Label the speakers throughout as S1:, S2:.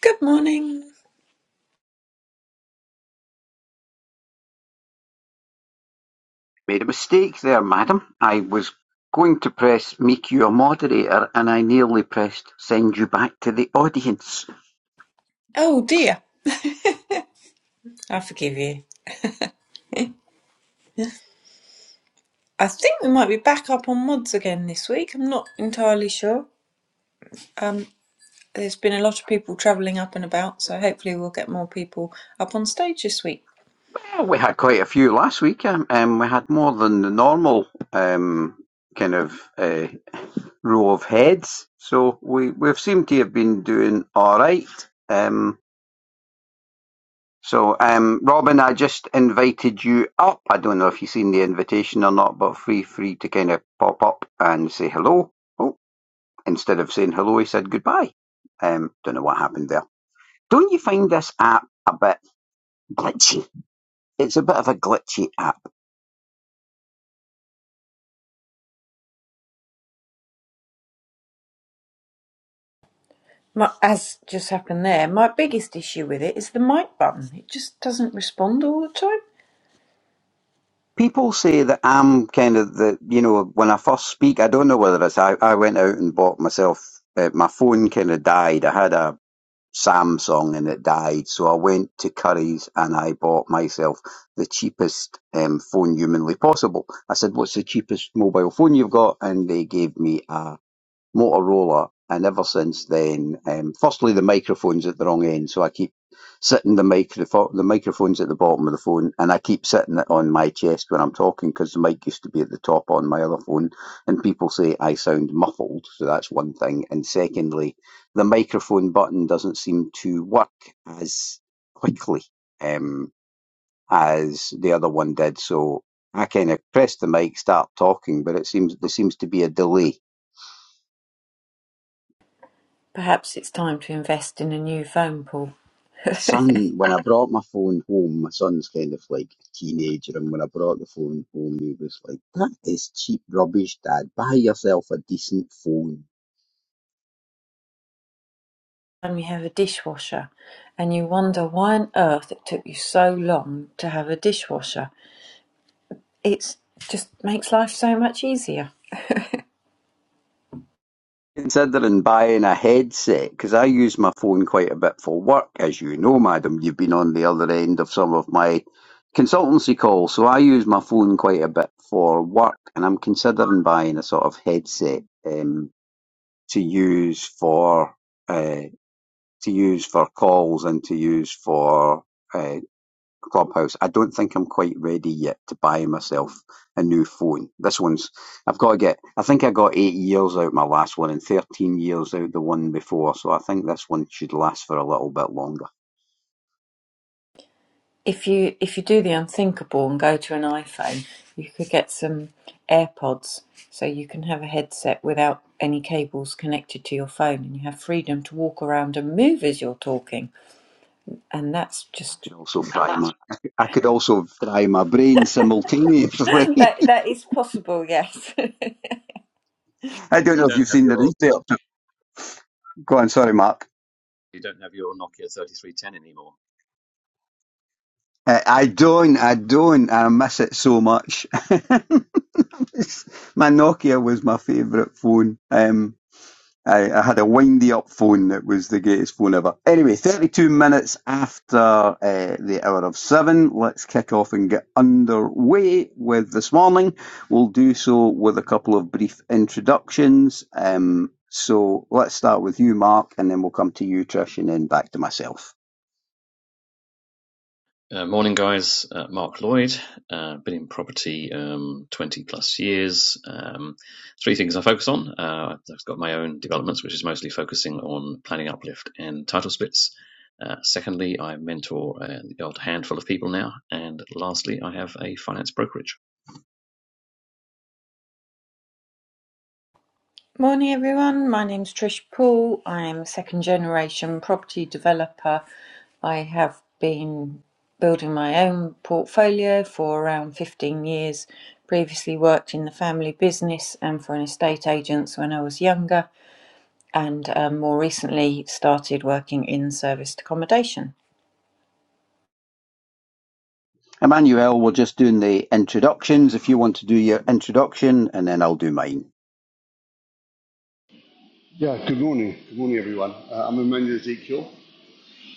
S1: Good morning.
S2: Made a mistake there, madam. I was going to press make you a moderator' and I nearly pressed send you back to the audience'.
S1: Oh dear, I forgive you. I think we might be back up on mods again this week. I'm not entirely sure. Um, there's been a lot of people travelling up and about, so hopefully we'll get more people up on stage this week.
S2: Well, we had quite a few last week. Um, um, we had more than the normal um, kind of uh, row of heads. So we, we've seemed to have been doing all right. Um, so, um, Robin, I just invited you up. I don't know if you've seen the invitation or not, but feel free to kind of pop up and say hello. Oh, instead of saying hello, he said goodbye. Um, don't know what happened there. Don't you find this app a bit glitchy? It's a bit of a glitchy app.
S1: My, as just happened there, my biggest issue with it is the mic button. It just doesn't respond all the time.
S2: People say that I'm kind of the, you know, when I first speak, I don't know whether it's, I, I went out and bought myself, uh, my phone kind of died. I had a Samsung and it died. So I went to Curry's and I bought myself the cheapest um, phone humanly possible. I said, what's the cheapest mobile phone you've got? And they gave me a Motorola, and ever since then, um, firstly the microphone's at the wrong end, so I keep sitting the microphone. The microphone's at the bottom of the phone, and I keep sitting it on my chest when I'm talking because the mic used to be at the top on my other phone, and people say I sound muffled, so that's one thing. And secondly, the microphone button doesn't seem to work as quickly um, as the other one did, so. I kind of press the mic, start talking, but it seems there seems to be a delay
S1: Perhaps it's time to invest in a new phone, Paul.
S2: son, when I brought my phone home, my son's kind of like a teenager, and when I brought the phone home, he was like, "That is cheap rubbish, Dad. Buy yourself a decent phone."
S1: And you have a dishwasher, and you wonder why on earth it took you so long to have a dishwasher It just makes life so much easier.
S2: considering buying a headset because I use my phone quite a bit for work, as you know, madam. You've been on the other end of some of my consultancy calls, so I use my phone quite a bit for work, and I'm considering buying a sort of headset um, to use for uh, to use for calls and to use for. uh, Clubhouse. I don't think I'm quite ready yet to buy myself a new phone. This one's I've got to get. I think I got eight years out my last one and thirteen years out the one before. So I think this one should last for a little bit longer.
S1: If you if you do the unthinkable and go to an iPhone, you could get some AirPods so you can have a headset without any cables connected to your phone and you have freedom to walk around and move as you're talking. And that's
S2: I
S1: just
S2: could also fry my. I could I could also fry my brain simultaneously.
S1: that that is possible, yes.
S2: I don't
S3: you
S2: know if
S3: don't
S2: you've
S3: have
S2: seen the
S3: your
S2: research. Go on, sorry, Mark.
S3: you don't have your Nokia 3310 anymore.
S2: Uh, I don't, I don't, I miss it so much. my Nokia was my favourite phone. Um, I, I had a windy up phone that was the greatest phone ever. Anyway, 32 minutes after uh, the hour of seven, let's kick off and get underway with this morning. We'll do so with a couple of brief introductions. Um, so let's start with you, Mark, and then we'll come to you, Trish, and then back to myself.
S3: Uh, morning, guys. Uh, Mark Lloyd, uh, been in property um, 20 plus years. Um, three things I focus on. Uh, I've got my own developments, which is mostly focusing on planning uplift and title splits. Uh, secondly, I mentor an odd handful of people now. And lastly, I have a finance brokerage.
S1: Morning, everyone. My name's Trish Poole. I am a second generation property developer. I have been building my own portfolio for around 15 years. Previously worked in the family business and for an estate agents when I was younger, and um, more recently started working in serviced accommodation.
S2: Emmanuel, we're just doing the introductions. If you want to do your introduction, and then I'll do mine.
S4: Yeah, good morning. Good morning, everyone. Uh, I'm Emmanuel Ezekiel.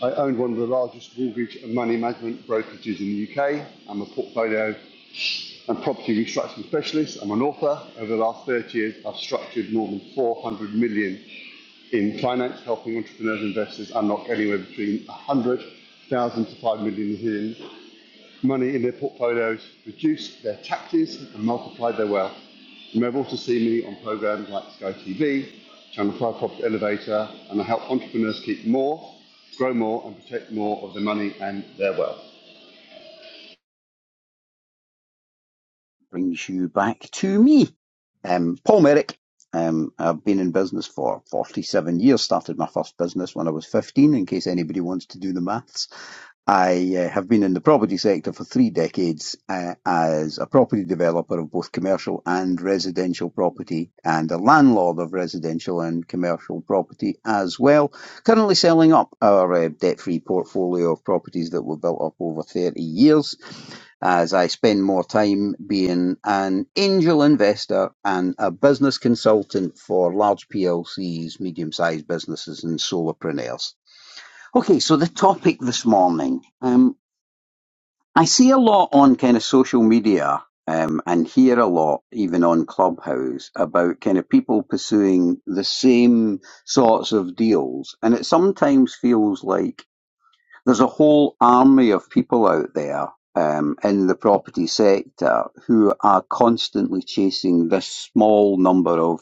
S4: I own one of the largest mortgage and money management brokerages in the UK. I'm a portfolio and property restructuring specialist. I'm an author. Over the last 30 years, I've structured more than 400 million in finance, helping entrepreneurs and investors unlock anywhere between 100,000 to 5 million in money in their portfolios, reduced their taxes, and multiplied their wealth. You may have also seen me on programs like Sky TV, Channel 5 Property Elevator, and I help entrepreneurs keep more, grow more, and protect more of their money and their wealth.
S2: brings you back to me. Um, Paul Merrick. Um, I've been in business for 47 years. Started my first business when I was 15, in case anybody wants to do the maths. I uh, have been in the property sector for three decades uh, as a property developer of both commercial and residential property and a landlord of residential and commercial property as well. Currently selling up our uh, debt free portfolio of properties that were built up over 30 years as I spend more time being an angel investor and a business consultant for large PLCs, medium sized businesses, and solopreneurs. Okay, so the topic this morning. Um, I see a lot on kind of social media um, and hear a lot, even on Clubhouse, about kind of people pursuing the same sorts of deals. And it sometimes feels like there's a whole army of people out there um, in the property sector who are constantly chasing this small number of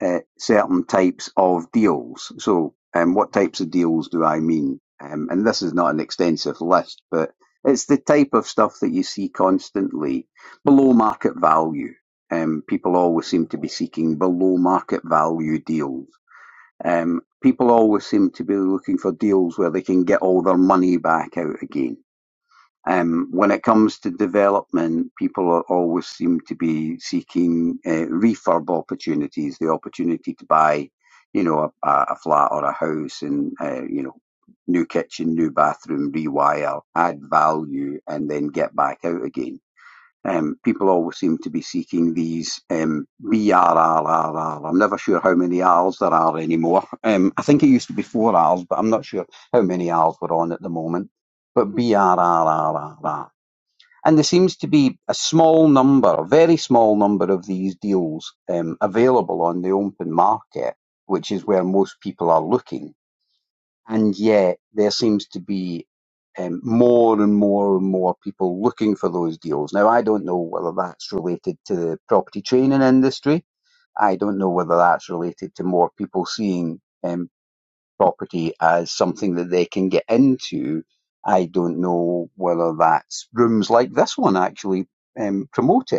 S2: uh, certain types of deals. So, um, what types of deals do I mean? Um, and this is not an extensive list, but it's the type of stuff that you see constantly below market value. Um, people always seem to be seeking below market value deals um, people always seem to be looking for deals where they can get all their money back out again. Um, when it comes to development, people are always seem to be seeking uh, refurb opportunities, the opportunity to buy, you know, a, a flat or a house and, uh, you know, new kitchen, new bathroom, rewire, add value, and then get back out again um, people always seem to be seeking these um, BRRRR. I'm never sure how many R's there are anymore. Um, I think it used to be four R's, but I'm not sure how many R's we're on at the moment. But BRRRR. And there seems to be a small number, a very small number of these deals um, available on the open market, which is where most people are looking and yet there seems to be um, more and more and more people looking for those deals. Now, I don't know whether that's related to the property training industry. I don't know whether that's related to more people seeing um, property as something that they can get into. I don't know whether that's rooms like this one actually um, promote it.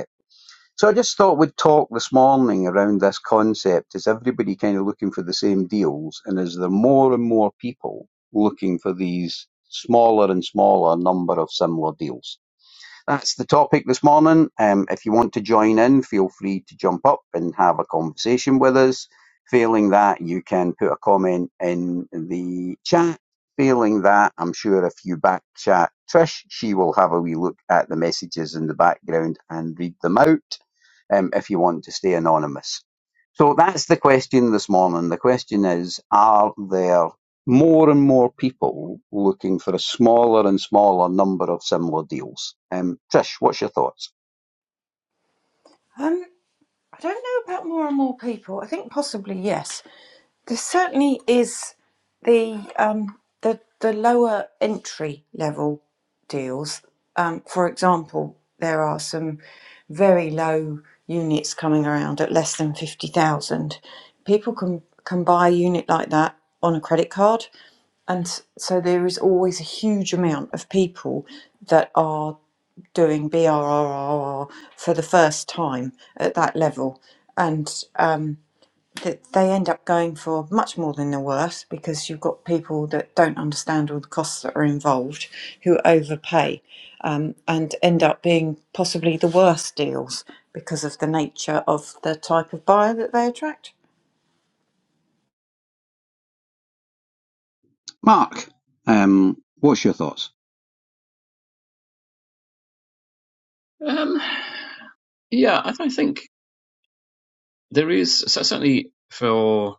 S2: So I just thought we'd talk this morning around this concept. Is everybody kind of looking for the same deals? And is there more and more people looking for these smaller and smaller number of similar deals? That's the topic this morning. Um, if you want to join in, feel free to jump up and have a conversation with us. Failing that, you can put a comment in the chat. Failing that, I'm sure if you back chat Trish, she will have a wee look at the messages in the background and read them out um, if you want to stay anonymous. So that's the question this morning. The question is Are there more and more people looking for a smaller and smaller number of similar deals. Um, Trish, what's your thoughts?
S1: Um, I don't know about more and more people. I think possibly yes. There certainly is the um, the the lower entry level deals. Um, for example, there are some very low units coming around at less than fifty thousand. People can can buy a unit like that on a credit card, and s- so there is always a huge amount of people that are doing BRRRR for the first time at that level, and. um, that they end up going for much more than they're worth because you've got people that don't understand all the costs that are involved who overpay um, and end up being possibly the worst deals because of the nature of the type of buyer that they attract.
S2: Mark, um, what's your thoughts?
S3: Um, yeah, I, I think there is so certainly for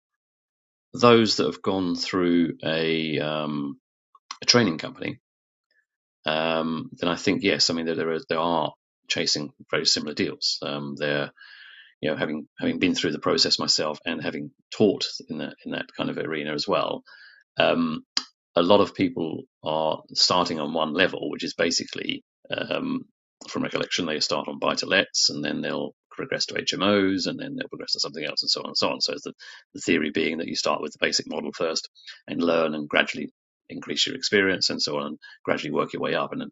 S3: those that have gone through a um, a training company. Um, then I think yes, I mean there there are, there are chasing very similar deals. Um, they're you know having having been through the process myself and having taught in that in that kind of arena as well. Um, a lot of people are starting on one level, which is basically, um, from recollection, they start on buy to lets and then they'll progress to HMOs and then they'll progress to something else and so on and so on. So, it's the, the theory being that you start with the basic model first and learn and gradually increase your experience and so on and gradually work your way up. And then,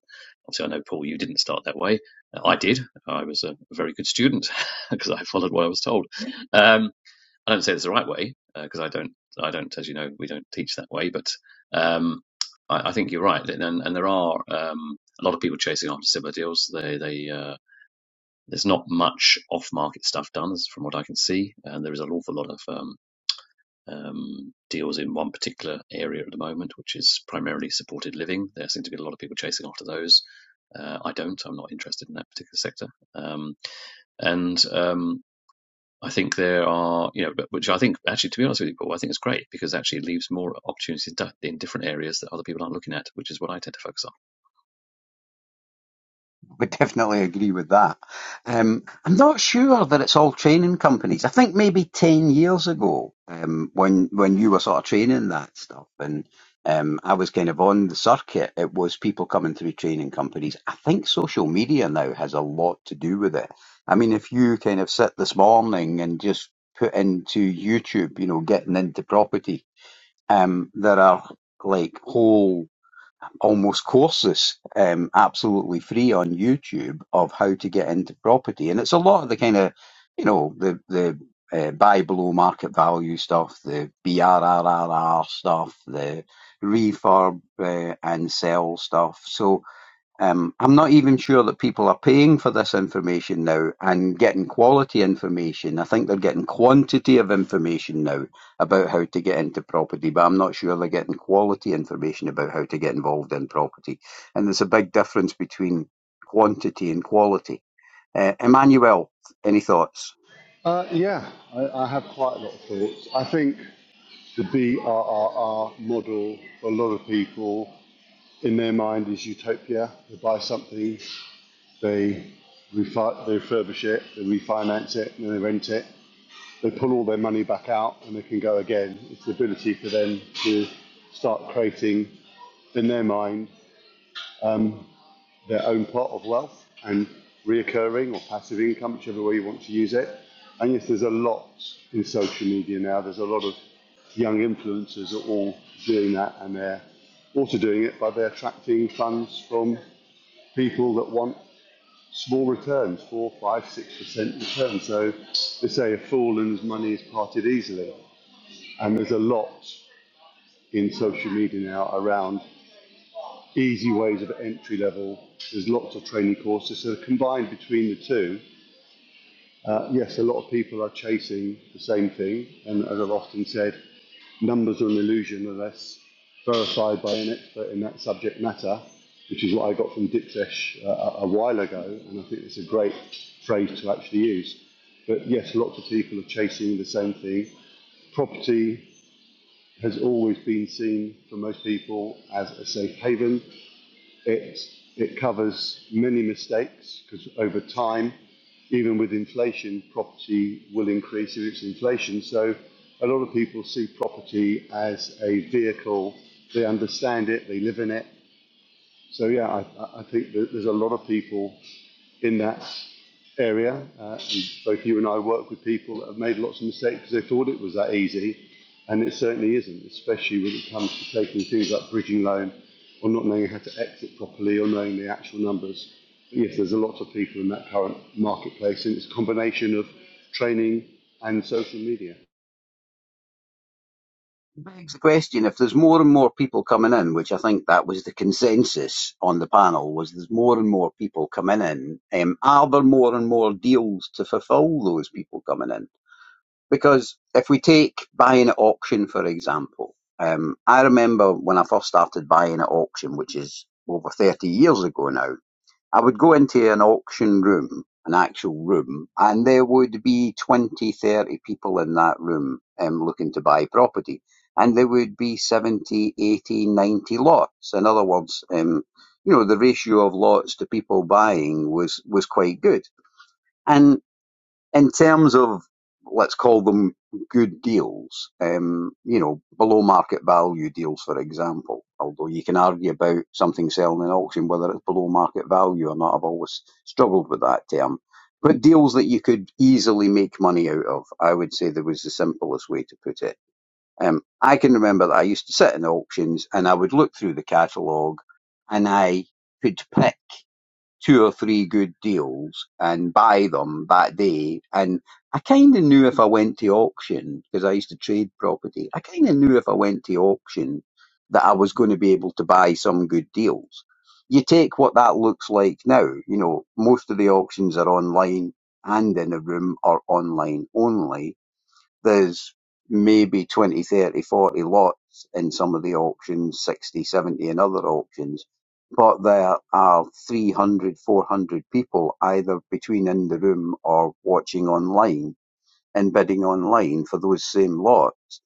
S3: obviously, I know, Paul, you didn't start that way. Uh, I did. I was a very good student because I followed what I was told. Um, I don't say it's the right way because uh, I don't, I don't, as you know, we don't teach that way. But um, I, I think you're right, and, and there are um, a lot of people chasing after similar deals. They, they, uh, there's not much off-market stuff done, from what I can see, and there is an awful lot of um, um, deals in one particular area at the moment, which is primarily supported living. There seem to be a lot of people chasing after those. Uh, I don't. I'm not interested in that particular sector. Um, and um, I think there are, you know, which I think actually, to be honest with you, Paul, I think it's great because it actually leaves more opportunities in different areas that other people aren't looking at, which is what I tend to focus on.
S2: would definitely agree with that. Um, I'm not sure that it's all training companies. I think maybe ten years ago, um, when when you were sort of training that stuff, and um, I was kind of on the circuit, it was people coming through training companies. I think social media now has a lot to do with it. I mean, if you kind of sit this morning and just put into YouTube, you know, getting into property, um, there are like whole almost courses um, absolutely free on YouTube of how to get into property, and it's a lot of the kind of you know the the uh, buy below market value stuff, the BRRRR stuff, the refurb uh, and sell stuff. So um, I'm not even sure that people are paying for this information now and getting quality information. I think they're getting quantity of information now about how to get into property, but I'm not sure they're getting quality information about how to get involved in property. And there's a big difference between quantity and quality. Uh, Emmanuel, any thoughts?
S4: Uh, yeah, I, I have quite a lot of thoughts. I think the BRRR model for a lot of people in their mind is utopia. They buy something, they, refi- they refurbish it, they refinance it, and then they rent it. they pull all their money back out and they can go again. It's the ability for them to start creating in their mind um, their own pot of wealth and reoccurring or passive income, whichever way you want to use it. And yes, there's a lot in social media now. There's a lot of young influencers are all doing that and they're also doing it by they're attracting funds from people that want small returns, four, five, six percent returns. So they say a fool and his money is parted easily. And there's a lot in social media now around easy ways of entry level. There's lots of training courses. So combined between the two, uh, yes, a lot of people are chasing the same thing. And as I've often said, numbers are an illusion unless verified by an expert in that subject matter, which is what I got from Dipsesh uh, a, a while ago. And I think it's a great phrase to actually use. But yes, lots of people are chasing the same thing. Property has always been seen for most people as a safe haven. It, it covers many mistakes because over time, even with inflation, property will increase if it's inflation. So a lot of people see property as a vehicle. They understand it, they live in it. So yeah, I, I think that there's a lot of people in that area. Uh, and both you and I work with people that have made lots of mistakes because they thought it was that easy, and it certainly isn't, especially when it comes to taking things like bridging loan or not knowing how to exit properly or knowing the actual numbers. But yes, there's a lot of people in that current marketplace, and it's a combination of training and social media.
S2: begs the question if there's more and more people coming in, which I think that was the consensus on the panel, was there's more and more people coming in, um, are there more and more deals to fulfil those people coming in? Because if we take buying at auction, for example, um, I remember when I first started buying at auction, which is over 30 years ago now, I would go into an auction room, an actual room, and there would be 20, 30 people in that room um, looking to buy property. And there would be 70, 80, 90 lots. In other words, um, you know, the ratio of lots to people buying was, was quite good. and in terms of let's call them good deals, um, you know, below market value deals, for example. Although you can argue about something selling in auction whether it's below market value or not. I've always struggled with that term. But deals that you could easily make money out of, I would say that was the simplest way to put it. Um, I can remember that I used to sit in auctions and I would look through the catalogue and I could pick two or three good deals and buy them that day. And I kind of knew if I went to auction, because I used to trade property, I kind of knew if I went to auction that I was going to be able to buy some good deals. You take what that looks like now, you know, most of the auctions are online and in a room or online only there's maybe 20, 30, 40 lots in some of the auctions, 60, 70 in other auctions. But there are 300, 400 people either between in the room or watching online and bidding online for those same lots.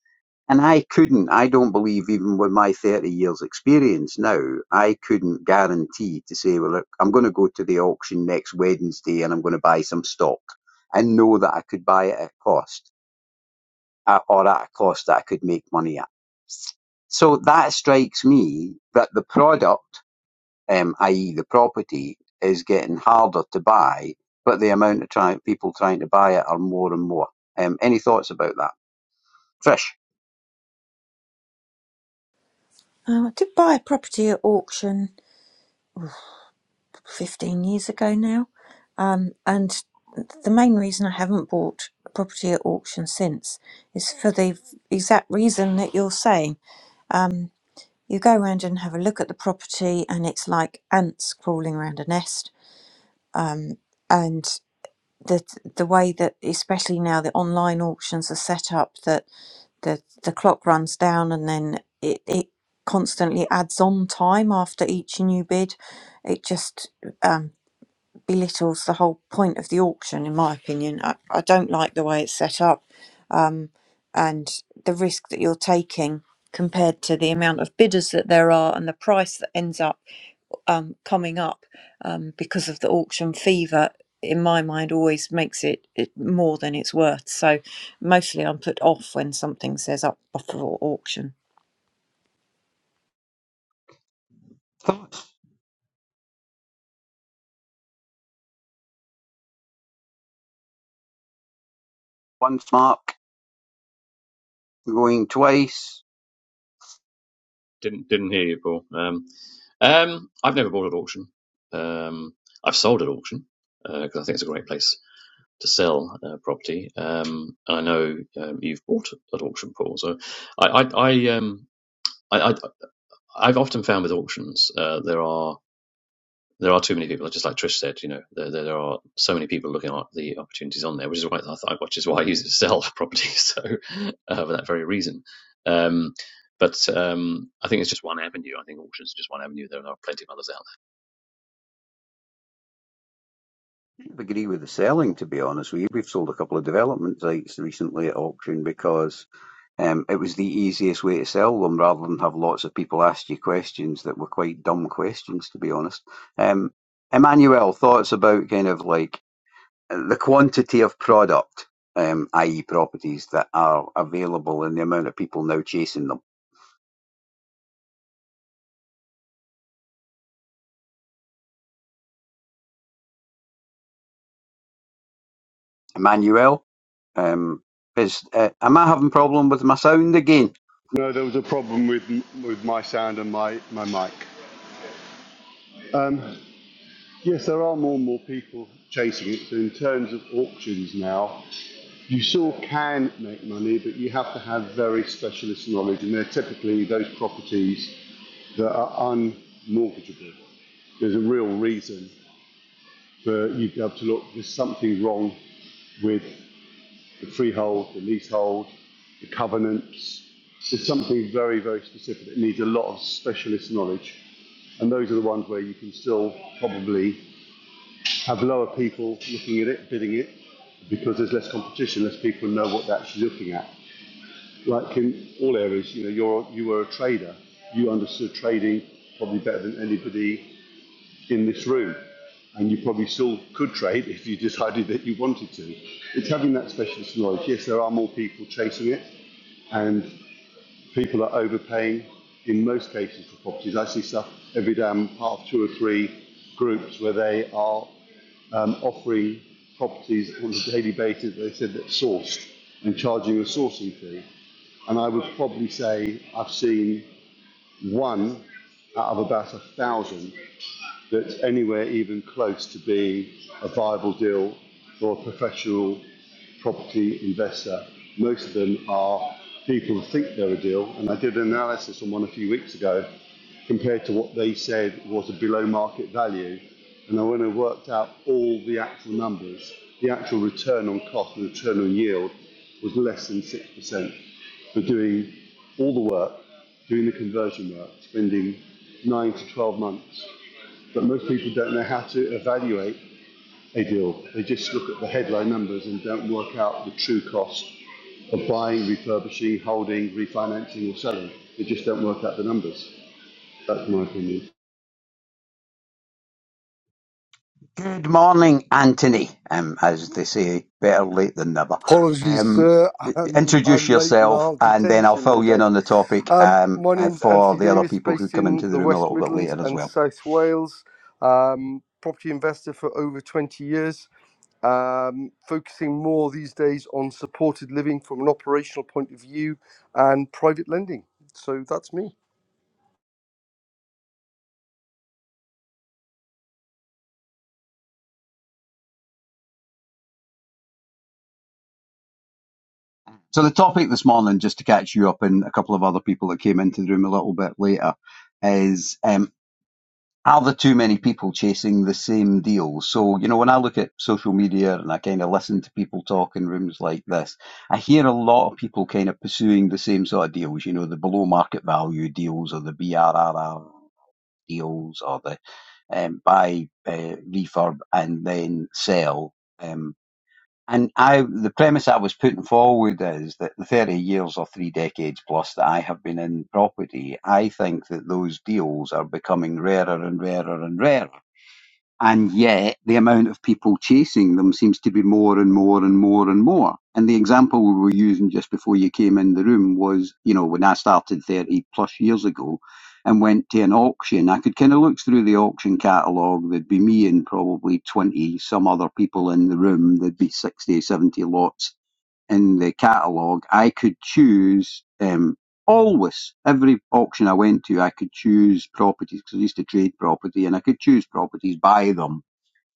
S2: And I couldn't, I don't believe even with my 30 years experience now, I couldn't guarantee to say, well, look, I'm going to go to the auction next Wednesday and I'm going to buy some stock and know that I could buy it at cost uh, or at a cost that I could make money at. So that strikes me that the product, um, i.e., the property, is getting harder to buy, but the amount of try- people trying to buy it are more and more. Um, any thoughts about that? Trish?
S1: Um, I did buy a property at auction 15 years ago now, um, and the main reason I haven't bought a property at auction since is for the exact reason that you're saying. You go around and have a look at the property, and it's like ants crawling around a nest. And the the way that, especially now, the online auctions are set up that the the clock runs down, and then it it constantly adds on time after each new bid. It just um, belittles the whole point of the auction, in my opinion. I, I don't like the way it's set up, and the risk that you're taking compared to the amount of bidders that there are and the price that ends up um, coming up um, because of the auction fever in my mind always makes it, it more than it's worth so mostly i'm put off when something says up for auction
S2: Thoughts? Once mark, going twice.
S3: Didn't didn't hear you, Paul. Um, um, I've never bought at auction. Um, I've sold at auction because uh, I think it's a great place to sell uh, property. Um, I know um, you've bought at auction, Paul. So I, I, I, um, I, I I've often found with auctions uh, there are there are too many people. Just like Trish said, you know, there, there, there are so many people looking at the opportunities on there, which is why I thought, which is why I use it to sell property. So uh, for that very reason. Um, but um, I think it's just one avenue. I think auctions are just one avenue. There are plenty of others out
S2: I agree with the selling, to be honest with you. We've sold a couple of development sites recently at auction because Um, it was the easiest way to sell them rather than have lots of people ask you questions that were quite dumb questions, to be honest. Um, Emmanuel, thoughts about kind of like the quantity of product, um, i.e., properties that are available and the amount of people now chasing them. Emmanuel, um, is uh, am I having a problem with my sound again?
S4: No, there was a problem with with my sound and my my mic. Um, yes, there are more and more people chasing it. So in terms of auctions now, You still can make money, but you have to have very specialist knowledge, and they're typically those properties that are unmortgageable. There's a real reason for you to be able to look, there's something wrong with the freehold, the leasehold, the covenants. There's something very, very specific that needs a lot of specialist knowledge, and those are the ones where you can still probably have lower people looking at it, bidding it, because there's less competition, less people know what they're actually looking at. like in all areas, you know, you're you were a trader. You understood trading probably better than anybody in this room, and you probably still could trade if you decided that you wanted to. It's having that specialist knowledge. Yes, there are more people chasing it, and people are overpaying in most cases for properties. I see stuff every day. I'm part of two or three groups where they are um, offering properties on a daily basis. They said that sourced and charging a sourcing fee. And I would probably say I've seen one out of about a thousand that's anywhere even close to being a viable deal for a professional property investor. Most of them are people who think they're a deal. And I did an analysis on one a few weeks ago compared to what they said was a below market value. And I went and worked out all the actual numbers. The actual return on cost and return on yield was less than 6% for doing all the work, doing the conversion work, spending nine to 12 months. But most people don't know how to evaluate they They just look at the headline numbers and don't work out the true cost of buying, refurbishing, holding, refinancing, or selling. They just don't work out the numbers. That's my opinion.
S2: Good morning, Anthony. Um, as they say, better late than never.
S5: Apologies,
S2: Um,
S5: sir. I'm,
S2: introduce
S5: I'm late and
S2: yourself,
S5: i
S2: and then I'll
S5: detention, no
S2: fill you in
S5: doubt.
S2: on the topic
S5: Um,
S2: um,
S5: my
S2: uh,
S5: name's
S2: for
S5: Anthony
S2: the other
S5: Davis,
S2: people who
S5: based
S2: come
S5: in
S2: into the
S5: the
S2: room a
S5: West
S2: little bit
S5: Midlands
S2: later as
S5: and
S2: well.
S5: South Wales. Um, property investor for over 20 years, um, focusing more these days on supported living from an operational point of view and private lending. So that's me.
S2: So the topic this morning, just to catch you up and a couple of other people that came into the room a little bit later, is um, are there too many people chasing the same deal? So, you know, when I look at social media and I kind of listen to people talk in rooms like this, I hear a lot of people kind of pursuing the same sort of deals, you know, the below market value deals or the BRRR deals or the um, buy, uh, refurb and then sell. Um, and I, the premise I was putting forward is that the 30 years or three decades plus that I have been in property, I think that those deals are becoming rarer and rarer and rarer. And yet, the amount of people chasing them seems to be more and more and more and more. And the example we were using just before you came in the room was, you know, when I started 30 plus years ago and went to an auction, I could kind of look through the auction catalogue. There'd be me and probably 20 some other people in the room. There'd be 60, 70 lots in the catalogue, I could choose um, always every auction I went to, I could choose properties because I used to trade property, and I could choose properties, buy them,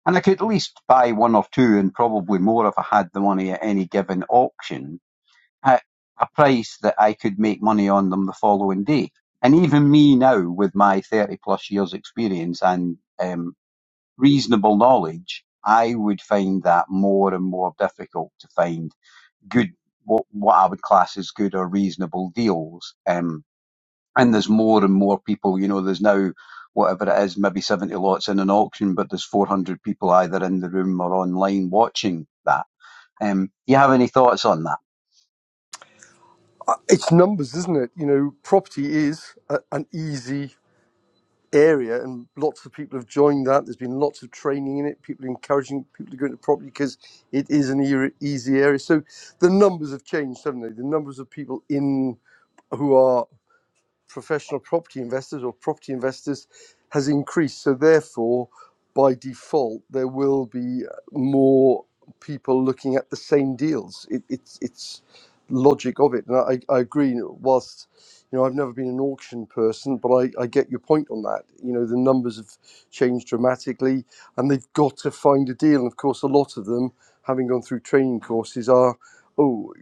S2: and I could at least buy one or two, and probably more if I had the money at any given auction at a price that I could make money on them the following day. And even me now, with my thirty plus years experience and um, reasonable knowledge, I would find that more and more difficult to find good what what I would class as good or reasonable deals. Um, and there's more and more people. You know, there's now whatever it is, maybe 70 lots in an auction, but there's 400 people either in the room or online watching that. Um, you have any thoughts on that?
S5: It's numbers, isn't it? You know, property is a, an easy area and lots of people have joined that there's been lots of training in it people encouraging people to go into property because it is an era, easy area so the numbers have changed haven't they the numbers of people in who are professional property investors or property investors has increased. So, therefore, by default, there will be more people looking at the same deals. It, it's it's logic of it, and I, I agree. Whilst you know I've never been an auction person, but I, I get your point on that. You know the numbers have changed dramatically, and they've got to find a deal. And of course, a lot of them, having gone through training courses, are oh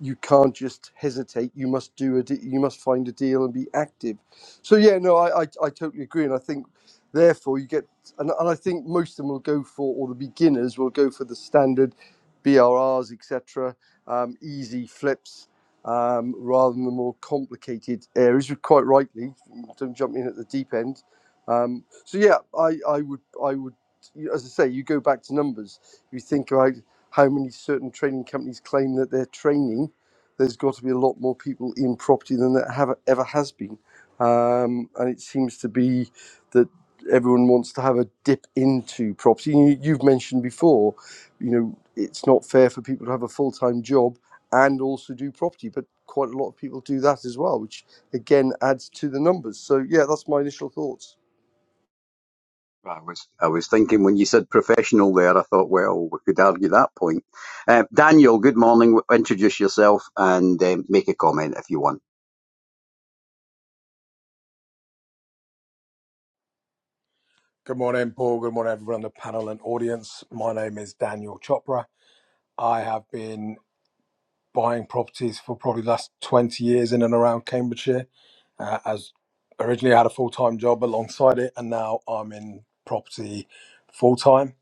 S5: you can't just hesitate you must do a de- you must find a deal and be active so yeah no I, I i totally agree and i think therefore you get and, and i think most of them will go for or the beginners will go for the standard brrs etc um, easy flips um, rather than the more complicated areas You're quite rightly don't jump in at the deep end um, so yeah i i would i would you- as i say you go back to numbers you think about how many certain training companies claim that they're training, there's got to be a lot more people in property than there have ever has been. Um, and it seems to be that everyone wants to have a dip into property. You, you've mentioned before, you know, it's not fair for people to have a full time job and also do property, but quite a lot of people do that as well, which again adds to the numbers. So, yeah, that's my initial thoughts.
S2: I was I was thinking when you said professional there, I thought, well, we could argue that point. Uh, Daniel, good morning. Introduce yourself and um, make a comment if you want.
S6: Good morning, Paul. Good morning, everyone on the panel and audience. My name is Daniel Chopra. I have been buying properties for probably the last 20 years in and around Cambridgeshire. Uh, as originally, I had a full time job alongside it, and now I'm in property full time.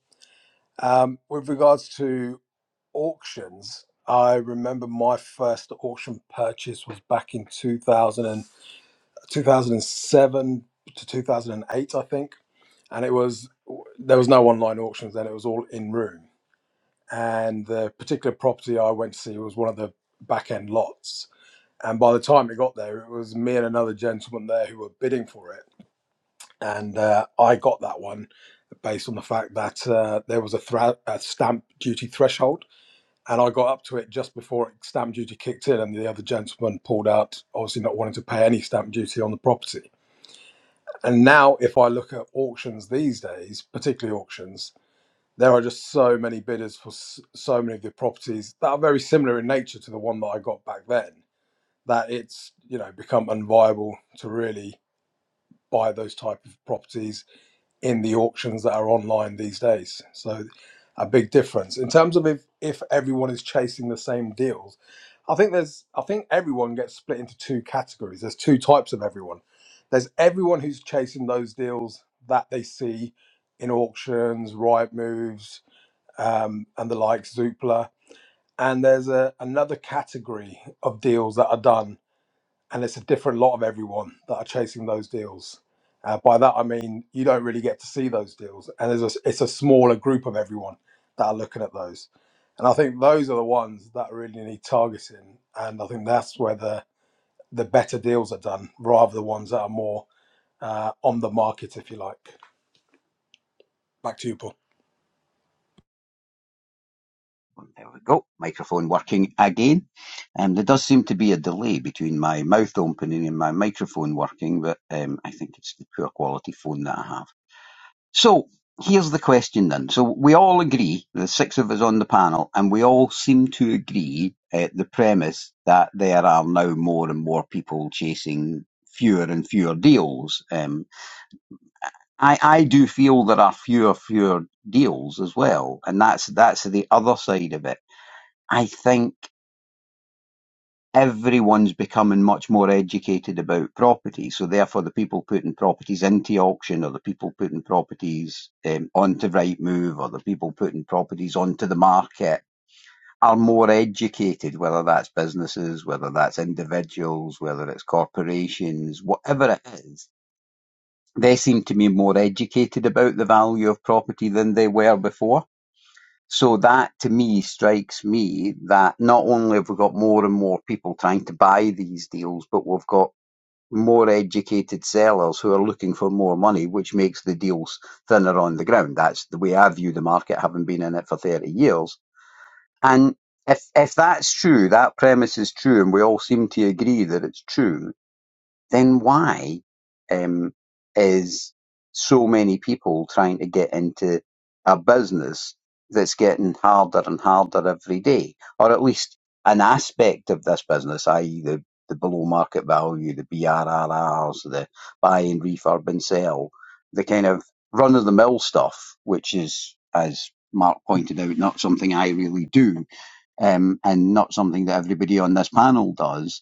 S6: Um, with regards to auctions, I remember my first auction purchase was back in 2000. 2007 to 2008, I think. And it was, there was no online auctions then, it was all in room. And the particular property I went to see was one of the back end lots. And by the time it got there, it was me and another gentleman there who were bidding for it. And uh, I got that one based on the fact that uh, there was a, thra- a stamp duty threshold. And I got up to it just before stamp duty kicked in, and the other gentleman pulled out, obviously not wanting to pay any stamp duty on the property and now, if I look at auctions these days, particularly auctions, there are just so many bidders for s- so many of the properties that are very similar in nature to the one that I got back then. That it's you know become unviable to really buy those type of properties in the auctions that are online these days. So a big difference in terms of if, if everyone is chasing the same deals. I think there's I think everyone gets split into two categories. There's two types of everyone. There's everyone who's chasing those deals that they see in auctions, right moves, um, and the like, Zoopla. And there's a, another category of deals that are done and it's a different lot of everyone that are chasing those deals. Uh, by that I mean you don't really get to see those deals, and there's a, it's a smaller group of everyone that are looking at those. And I think those are the ones that really need targeting, and I think that's where the the better deals are done, rather than the ones that are more uh, on the market, if you like. Back to you, Paul.
S2: Well, There we go. Microphone working again. Um, there does seem to be a delay between my mouth opening and my microphone working, but um, I think it's the poor quality phone that I have. So here's the question then. So we all agree, the six of us on the panel, and we all seem to agree at the premise that there are now more and more people chasing fewer and fewer deals. Um, I, I do feel there are fewer fewer deals as well, and that's that's the other side of it. I think everyone's becoming much more educated about property, so therefore the people putting properties into auction, or the people putting properties um, onto Rightmove, or the people putting properties onto the market. Are more educated, whether that's businesses, whether that's individuals, whether it's corporations, whatever it is They seem to be more educated about the value of property than they were before. So that to me strikes me that not only have we got more and more people trying to buy these deals, but we've got more educated sellers who are looking for more money, which makes the deals thinner on the ground. That's the way I view the market, having been in it for 30 years. And if, if that's true, that premise is true, and we all seem to agree that it's true, then why um, is so many people trying to get into a business that's getting harder and harder every day, or at least an aspect of this business, i.e., the, the below market value, the BRRRs, the buy and refurb and sell, the kind of run of the mill stuff, which is, as Mark pointed out, not something I really do, um, and not something that everybody on this panel does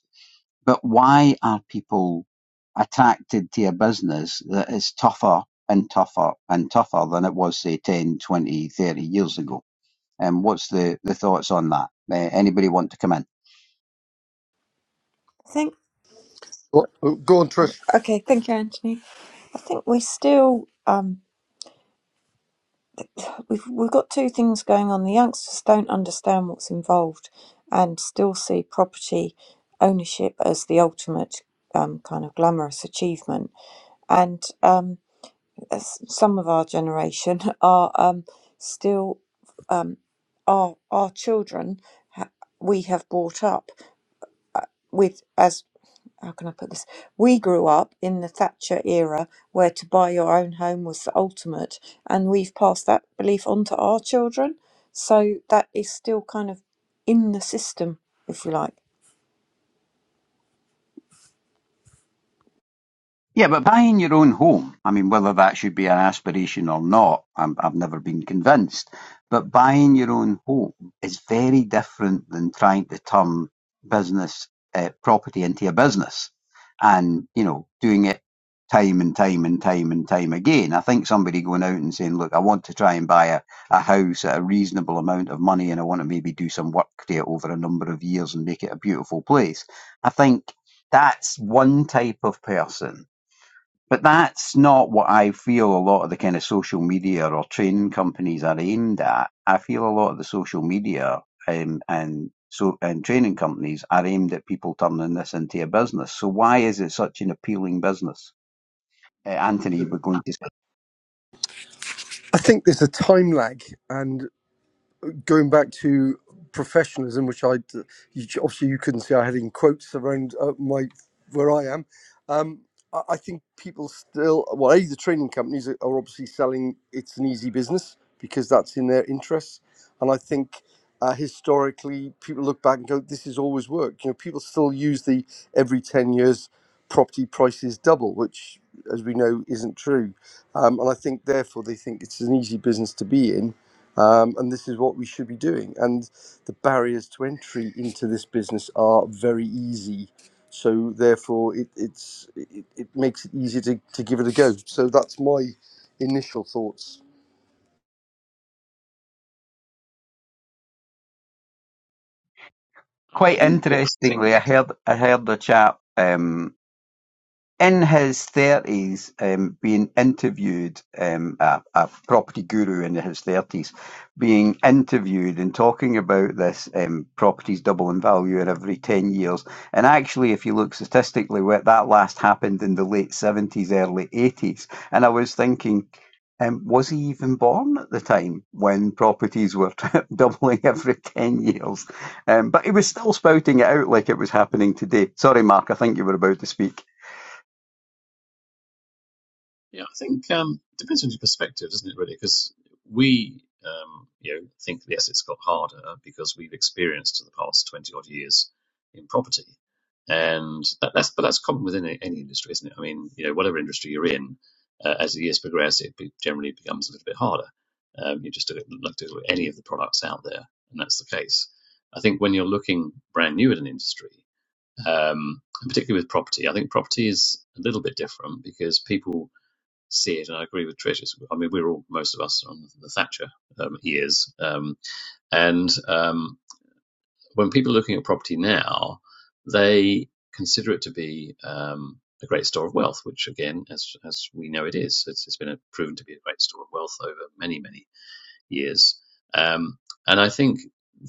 S2: but why are people attracted to a business that is tougher and tougher and tougher than it was, say, 10, 20, 30 years ago? And um, what's the, the thoughts on that? Uh, anybody want to come in?
S1: i think
S5: Well, go on,
S1: oh,
S5: Trish.
S1: okay thank you anthony i think we're still um, we've, we've got two things going on the youngsters don't understand what's involved and still see property ownership as the ultimate um, kind of glamorous achievement and um s- some of our generation are um, still um, our our children ha- we have brought up with as how can I put this? We grew up in the Thatcher era where to buy your own home was the ultimate, and we've passed that belief on to our children. So that is still kind of in the system, if you like.
S2: Yeah, but buying your own home, I mean, whether that should be an aspiration or not, I'm, I've never been convinced. But buying your own home is very different than trying to turn business uh, property into a business and, you know, doing it time and time and time and time again. I think somebody going out and saying, look, I want to try and buy a, a house at a reasonable amount of money and I want to maybe do some work to it over a number of years and make it a beautiful place. I think that's one type of person but that's not what I feel a lot of the kind of social media or training companies are aimed at. I feel a lot of the social media um, and so and training companies are aimed at people turning this into a business. So why is it such an appealing business? Uh, Anthony, we're going to say.
S5: I think there's a time lag, and going back to professionalism, which I you, obviously you couldn't see, I had in quotes around uh, my where I am. Um, I, I think people still, well, a the training companies are are obviously selling it's an easy business because that's in their interests, and I think. Uh, historically, people look back and go, "This has always worked." You know, people still use the every ten years, property prices double, which, as we know, isn't true. Um, and I think therefore they think it's an easy business to be in, um, and this is what we should be doing. And the barriers to entry into this business are very easy. So therefore, it, it's it, it makes it easier to, to give it a go. So that's my initial thoughts.
S3: there. I
S2: Quite
S3: think it's
S2: interestingly, I heard I heard a chap. Um, in his thirties, um, being interviewed, um, a, a property guru in his thirties, being interviewed and talking about this um, properties double in value every ten years. And actually, if you look statistically, where that last happened in the late seventies, early eighties. And I was thinking. Um, was he even born at the time when properties were doubling every 10 years? Um, but he was still spouting it out like it was happening today. Sorry, Mark, I think you were about to speak.
S3: Yeah, I think um, it depends on your perspective, doesn't it, really? Because we, um, you know, think yes, it's got harder because we've experienced in the past twenty odd years in property, and that, that's but that's common within a- any industry, isn't it? I mean, you know, whatever industry you're in, uh, as the years progress, it be, generally becomes a little bit harder. Um, you just look at, look at any of the products out there, and that's the case. I think when you're looking brand new at an industry, um, and particularly with property, I think property is a little bit different because people see it, and I agree with Trish. It's, I mean, we're all most of us on the Thatcher um, years, um, and um, when people are looking at property now, they consider it to be um, a great store of wealth, which again, as as we know, it is. It's, it's been a, proven to be a great store of wealth over many many years, um, and I think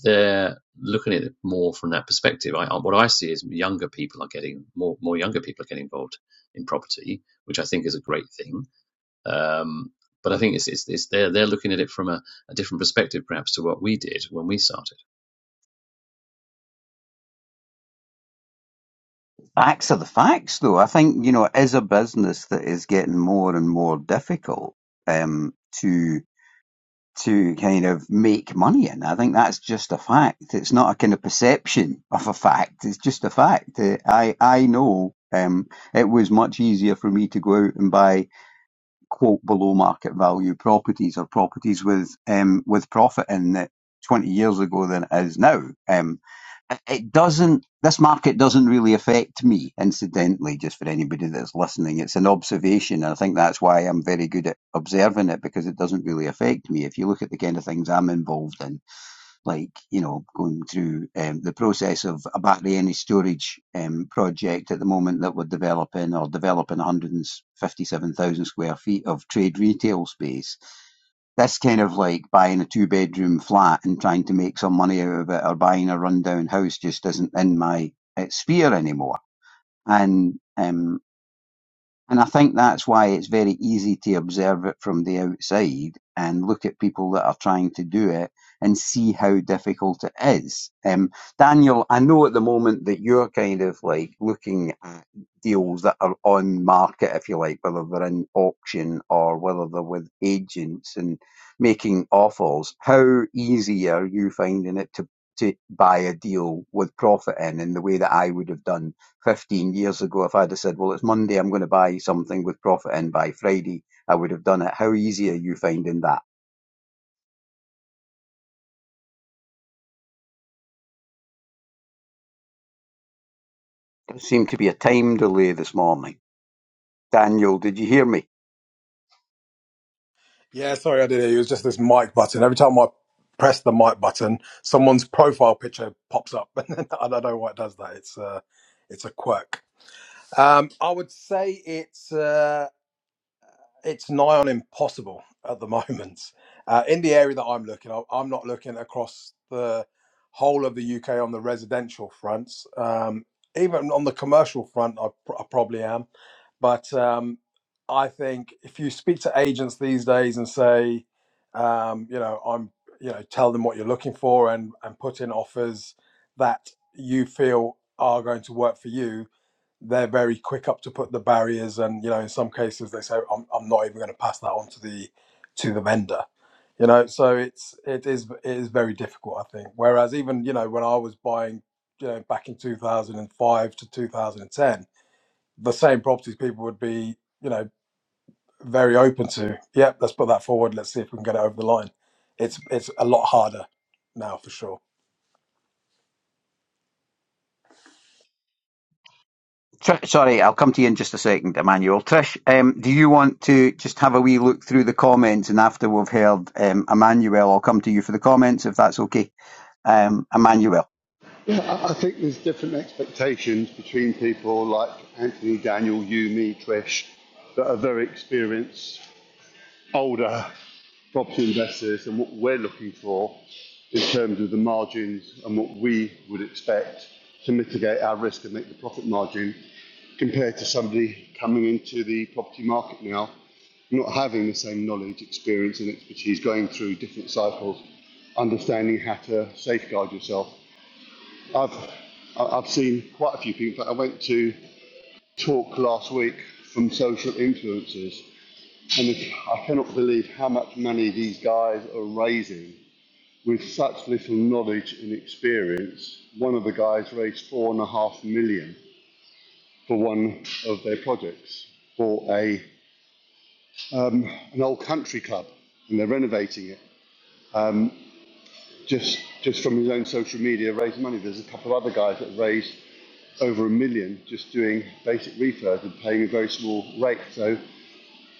S3: they're looking at it more from that perspective. I, what I see is younger people are getting more more younger people are getting involved in property, which I think is a great thing um, but I think it's, it's, it's they're, they're looking at it from a, a different perspective, perhaps, to what we did when we started.
S2: Facts are the facts, though. I think, you know, it is a business that is getting more and more difficult um, to to kind of make money in. I think that's just a fact. It's not a kind of perception of a fact. It's just a fact. Uh, I I know um, it was much easier for me to go out and buy quote below market value properties or properties with um, with profit in it twenty years ago than it is now. Um, it doesn't this market doesn't really affect me incidentally just for anybody that's listening it's an observation and i think that's why i'm very good at observing it because it doesn't really affect me if you look at the kind of things i'm involved in like you know going through um, the process of a battery energy storage um, project at the moment that we're developing or developing 157000 square feet of trade retail space this kind of like buying a two bedroom flat and trying to make some money out of it or buying a rundown house just isn't in my uh, sphere anymore. And, um, and I think that's why it's very easy to observe it from the outside and look at people that are trying to do it and see how difficult it is. Um, Daniel, I know at the moment that you're kind of like looking at deals that are on market, if you like, whether they're in auction or whether they're with agents and making offers. How easy are you finding it to, to buy a deal with profit in, in the way that I would have done? 15 years ago, if I'd have said, well, it's Monday, I'm going to buy something with profit in by Friday, I would have done it. How easy are you finding that? There seemed to be a time delay this morning. Daniel, did you hear me?
S6: Yeah, sorry, I did hear you. It was just this mic button. Every time I press the mic button, someone's profile picture pops up, and I don't know why it does that. It's uh, it's a quirk. Um, I would say it's uh, it's nigh on impossible at the moment uh, in the area that I'm looking. I- I'm not looking across the whole of the UK on the residential fronts. Um, even on the commercial front, I, pr- I probably am. But um, I think if you speak to agents these days and say, um, you know, I'm, you know, tell them what you're looking for and and put in offers that you feel are going to work for you they're very quick up to put the barriers and you know in some cases they say i'm, I'm not even going to pass that on to the to the vendor you know so it's it is it is very difficult i think whereas even you know when i was buying you know back in 2005 to 2010 the same properties people would be you know very open to yep let's put that forward let's see if we can get it over the line it's it's a lot harder now for sure
S2: Tr- sorry, I'll come to you in just a second, Emmanuel. Trish, um, do you want to just have a wee look through the comments and after we've heard um, Emmanuel, I'll come to you for the comments if that's okay. Um, Emmanuel,
S4: Yeah, I think there's different expectations between people like Anthony, Daniel, you, me, Trish, that are very experienced, older property investors, and what we're looking for in terms of the margins and what we would expect to mitigate our risk and make the profit margin compared to somebody coming into the property market now, not having the same knowledge, experience, and expertise, going through different cycles, understanding how to safeguard yourself. I've I- have i have seen quite a few people. I went to talk last week from social influencers, and I cannot believe how much money these guys are raising with such little knowledge and experience. One of the guys raised four and a half million for one of their projects for a um, an old country club, and they're renovating it. Um, just just from his own social media, raised money. There's a couple of other guys that have raised over a million just doing basic refurbs and paying a very small rate. So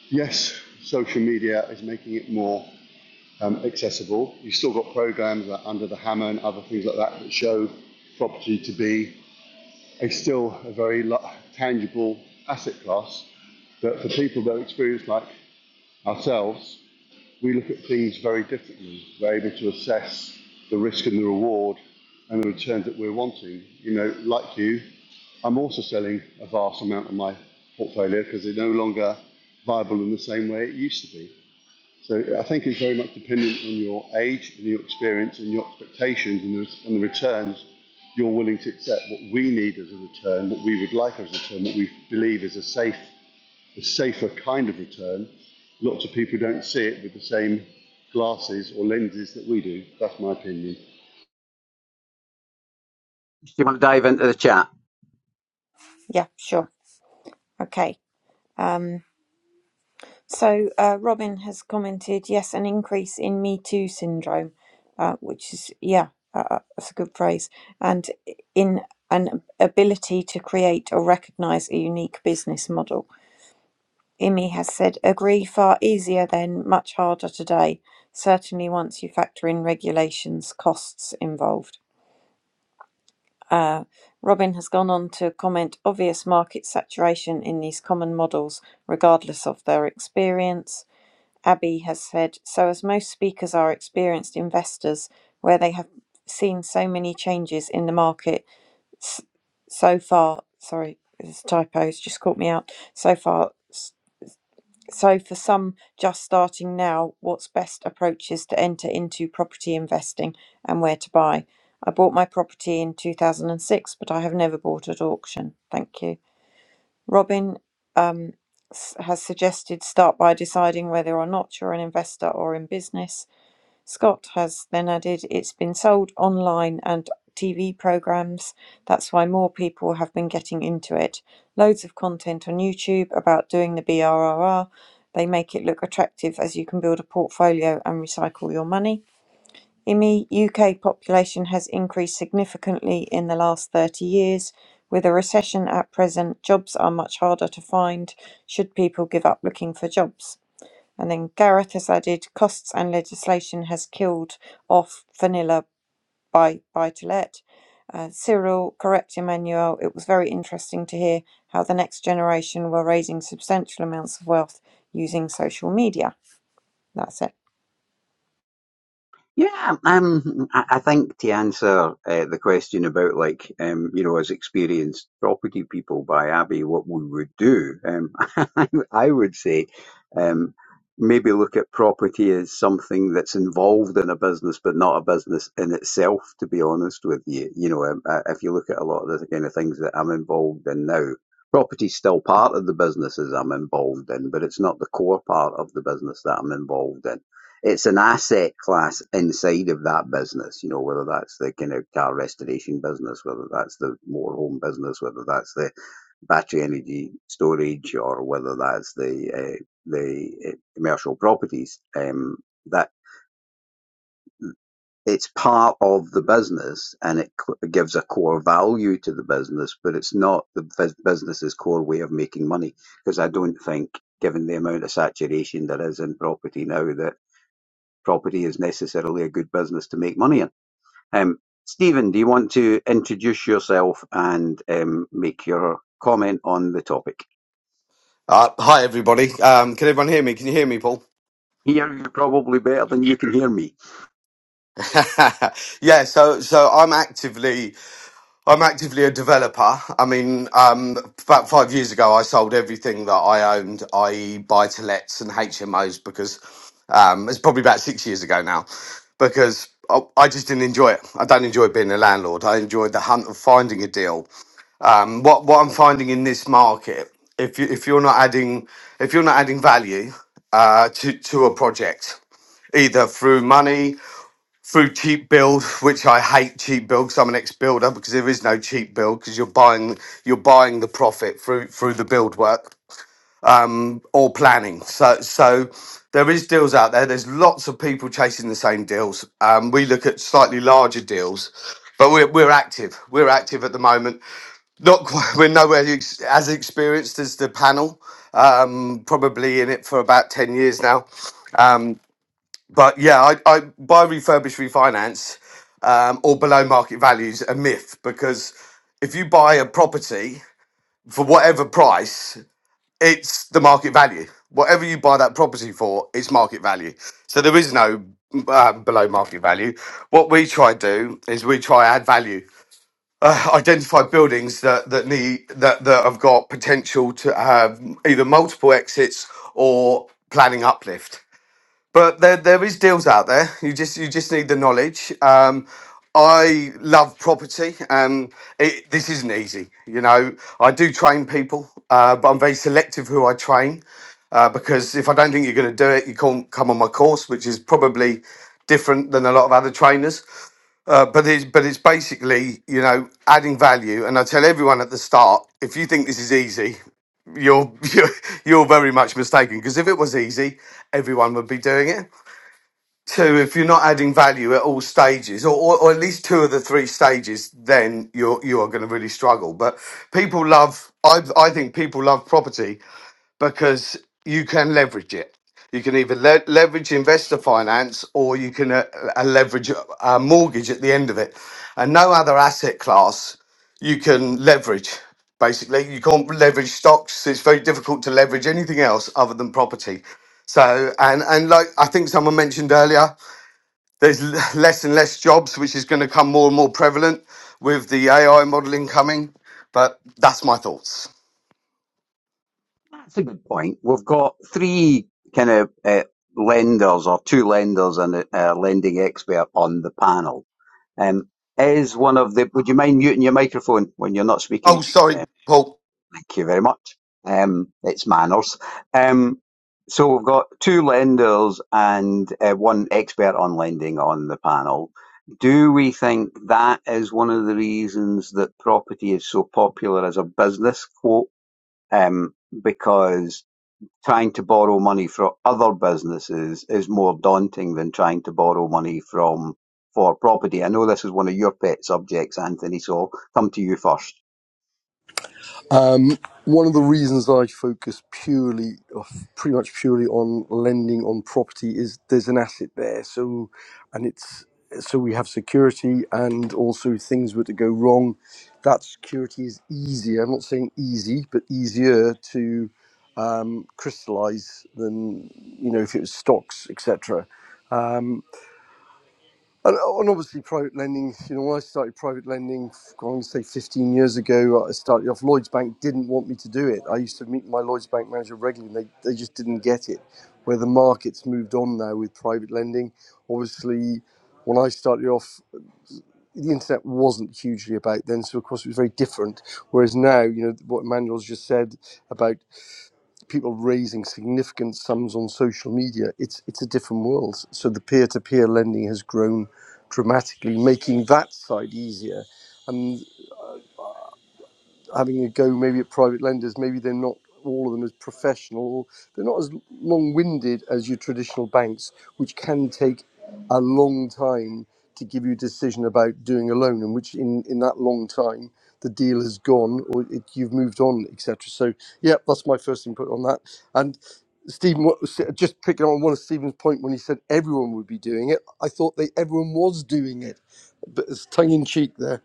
S4: yes, social media is making it more um, accessible. You've still got programs like Under the Hammer and other things like that that show property to be a still a very lo- tangible asset class. But for people that are experienced like ourselves, we look at things very differently. We're able to assess the risk and the reward and the returns that we're wanting. You know, like you, I'm also selling a vast amount of my portfolio because they're no longer viable in the same way it used to be. So I think it's very much dependent on your age and your experience and your expectations and the, and the returns you're willing to accept. What we need as a return, what we would like as a return, what we believe is a safe the safer kind of return. Lots of people don't see it with the same glasses or lenses that we do. That's my opinion.
S2: do you want to dive into the chat?
S1: Yeah, sure. Okay. Um, So uh, Robin has commented, yes, an increase in Me Too syndrome, uh, which is yeah, uh, uh, that's a good phrase, and in an ability to create or recognise a unique business model. Imi has said, agree, far easier then, much harder today. Certainly, once you factor in regulations, costs involved. Uh, Robin has gone on to comment, obvious market saturation in these common models, regardless of their experience Abbey has said, so as most speakers are experienced investors, where they have seen so many changes in the market s- so far, sorry, this typo's just caught me out, so far, s- so for some just starting now, what's best approach is to enter into property investing and where to buy. I bought my property in 2006, but I have never bought at auction. Thank you. Robin um, s- has suggested start by deciding whether or not you're an investor or in business. Scott has then added it's been sold online and TV programs. That's why more people have been getting into it. Loads of content on YouTube about doing the BRRR. They make it look attractive as you can build a portfolio and recycle your money. IMI U.K. population has increased significantly in the last 30 years. With a recession at present, jobs are much harder to find should people give up looking for jobs. And then Gareth has added, costs and legislation has killed off vanilla by buy-to-let. Uh, Cyril, correct Emmanuel, it was very interesting to hear how the next generation were raising substantial amounts of wealth using social media. That's it.
S2: Yeah, um, I I think to answer uh, the question about like um, you know, as experienced property people by Abbey, what we would do, um, I, I would say, um, maybe look at property as something that's involved in a business, but not a business in itself. To be honest with you, you know, um, uh, if you look at a lot of the kind of things that I'm involved in now, property's still part of the businesses I'm involved in, but it's not the core part of the business that I'm involved in it's an asset class inside of that business, you know, whether that's the kind of car restoration business, whether that's the motorhome business, whether that's the battery energy storage, or whether that's the uh, the uh, commercial properties. Um, that it's part of the business and it gives a core value to the business, but it's not the business's core way of making money because I don't think. Given the amount of saturation there is in property now, that property is necessarily a good business to make money in. Um, Stephen, do you want to introduce yourself and um, make your comment on the topic?
S7: Uh, hi everybody. Um, can everyone hear me? Can you hear me, Paul?
S2: Hear you probably better than you can hear me.
S7: yeah. So, so I'm actively, I'm actively a developer. I mean, um, about five years ago, I sold everything that I owned, i.e., buy to lets and HMOs, because um, it's probably about six years ago now, because I, I just didn't enjoy it. I don't enjoy being a landlord. I enjoyed the hunt of finding a deal. Um, what what I'm finding in this market, if you if you're not adding, if you're not adding value uh, to to a project either through money, through cheap build, which I hate cheap build because I'm an ex-builder because there is no cheap build because you're buying you're buying the profit through through the build work or planning. So so there is deals out there. There's lots of people chasing the same deals. Um, we look at slightly larger deals. But we're, we're active. We're active at the moment. Not quite, we're nowhere ex- as experienced as the panel. Um, probably in it for about ten years now. Um, but yeah, I, I buy refurbished refinance um, or below market values a myth because if you buy a property for whatever price, it's the market value. Whatever you buy that property for, it's market value. So there is no um, below market value. What we try to do is we try add value. Uh, identify buildings that that need that that have got potential to have either multiple exits or planning uplift but there there is deals out there. You just you just need the knowledge. Um, I love property. and it, this isn't easy. You know, I do train people, uh, but I'm very selective who I train uh, because if I don't think you're going to do it, you can't come on my course, which is probably different than a lot of other trainers. Uh, but it's but it's basically you know adding value. And I tell everyone at the start, if you think this is easy, you're you're, you're very much mistaken because if it was easy, everyone would be doing it two, if you're not adding value at all stages, or, or, or at least two of the three stages, then you're you are going to really struggle. But people love, I I think people love property because you can leverage it. You can either le- leverage investor finance, or you can uh, uh, leverage a a mortgage at the end of it, and no other asset class you can leverage. Basically, you can't leverage stocks. It's very difficult to leverage anything else other than property. So, and and like I think someone mentioned earlier, there's l- less and less jobs, which is going to come more and more prevalent with the AI modeling coming. But that's my thoughts.
S2: That's a good point. We've got three kind of uh, lenders or two lenders and a, a lending expert on the panel. Um, is one of the, would you mind muting your microphone when you're not
S7: Oh,
S2: speaking?
S7: sorry, Paul.
S2: Thank you very much. Um, it's manners. Um, so we've got two lenders and uh, one expert on lending on the panel. Do we think that is one of the reasons that property is so popular as a business quote? Um, because trying to borrow money from other businesses is more daunting than trying to borrow money from for property. I know this is one of your pet subjects, Anthony. So I'll come to you first.
S5: Um, one of the reasons I focus purely, or pretty much purely on lending on property is there's an asset there. So, and it's, so we have security and also if things were to go wrong. That security is easier. I'm not saying easy, but easier to um, crystallize than, you know, if it was stocks, etc. And, uh, and obviously, private lending, you know, when I started private lending, I want to say 15 years ago, I started off. Lloyds Bank didn't want me to do it. I used to meet my Lloyds Bank manager regularly, and they, they just didn't get it. Where the market's moved on now with private lending, obviously, when I started off, the internet wasn't hugely about then, so of course it was very different. Whereas now, you know, what Emmanuel's just said about people raising significant sums on social media, it's it's a different world. So the peer-to-peer lending has grown dramatically, making that side easier. And having a go maybe at private lenders. Maybe they're not all of them as professional, or they're not as long winded as your traditional banks, which can take a long time to give you a decision about doing a loan, and which in, in that long time the deal has gone or it, you've moved on, etc. So, yeah, that's my first input on that. And Stephen, what- just picking on one of Stephen's point when he said everyone would be doing it, I thought they everyone was doing it, but it's tongue in cheek there.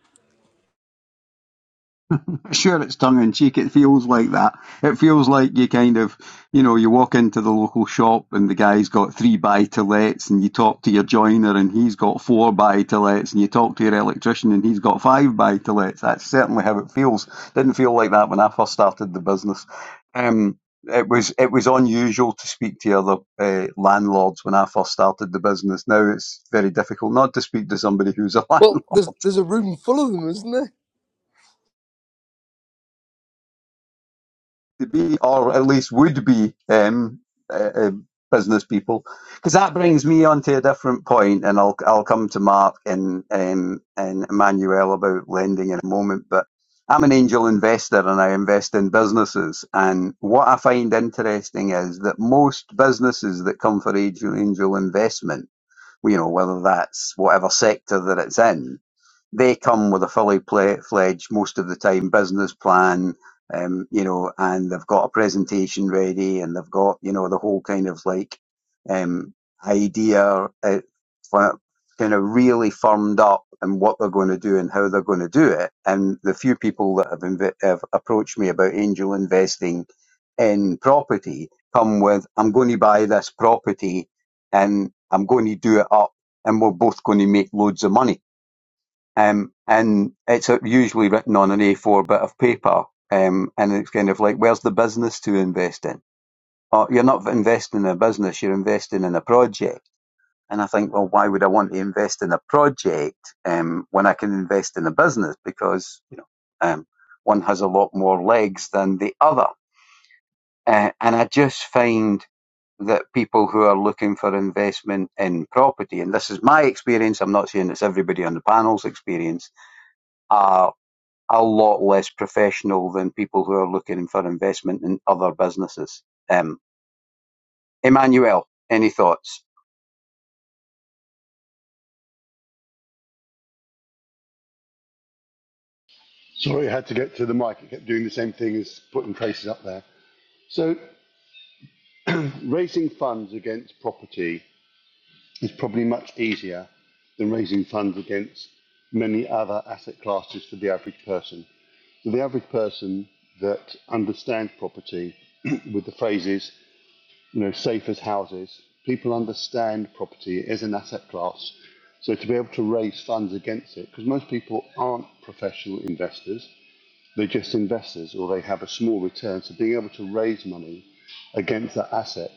S2: Sure, it's tongue in cheek. It feels like that. It feels like you kind of, you know, you walk into the local shop and the guy's got three buy to lets, and you talk to your joiner and he's got four buy to lets, and you talk to your electrician and he's got five buy to lets. That's certainly how it feels. Didn't feel like that when I first started the business. Um, it was it was unusual to speak to other uh, landlords when I first started the business. Now it's very difficult not to speak to somebody who's a landlord
S5: Well, there's there's a room full of them, isn't there?
S2: to be, or at least would be, um, uh, uh, business people. Because that brings me on to a different point, and I'll I'll come to Mark and um, and Emmanuel about lending in a moment. But I'm an angel investor, and I invest in businesses. And what I find interesting is that most businesses that come for angel angel investment, you know, whether that's whatever sector that it's in, they come with a fully pla fledged, most of the time, business plan, um, you know, and they've got a presentation ready and they've got, you know, the whole kind of like um, idea uh, fi- kind of really firmed up and what they're going to do and how they're going to do it. And the few people that have, inv- have approached me about angel investing in property come with, I'm going to buy this property and I'm going to do it up and we're both going to make loads of money um, and it's uh, usually written on an A4 bit of paper. Um, and it's kind of like, where's the business to invest in? Or you're not investing in a business, you're investing in a project. And I think, well, why would I want to invest in a project um, when I can invest in a business? Because, you know, um, one has a lot more legs than the other. Uh, and I just find that people who are looking for investment in property, and this is my experience, I'm not saying it's everybody on the panel's experience, are a lot less professional than people who are looking for investment in other businesses. Um, Emmanuel, any thoughts?
S4: Sorry, I had to get to the mic. It kept doing the same thing as putting traces up there. So, raising funds against property is probably much easier than raising funds against many other asset classes for the average person. So, the average person that understands property with the phrases you know, safe as houses. People understand property as an asset class. So to be able to raise funds against it, because most people aren't professional investors, they're just investors or they have a small return. So being able to raise money against that asset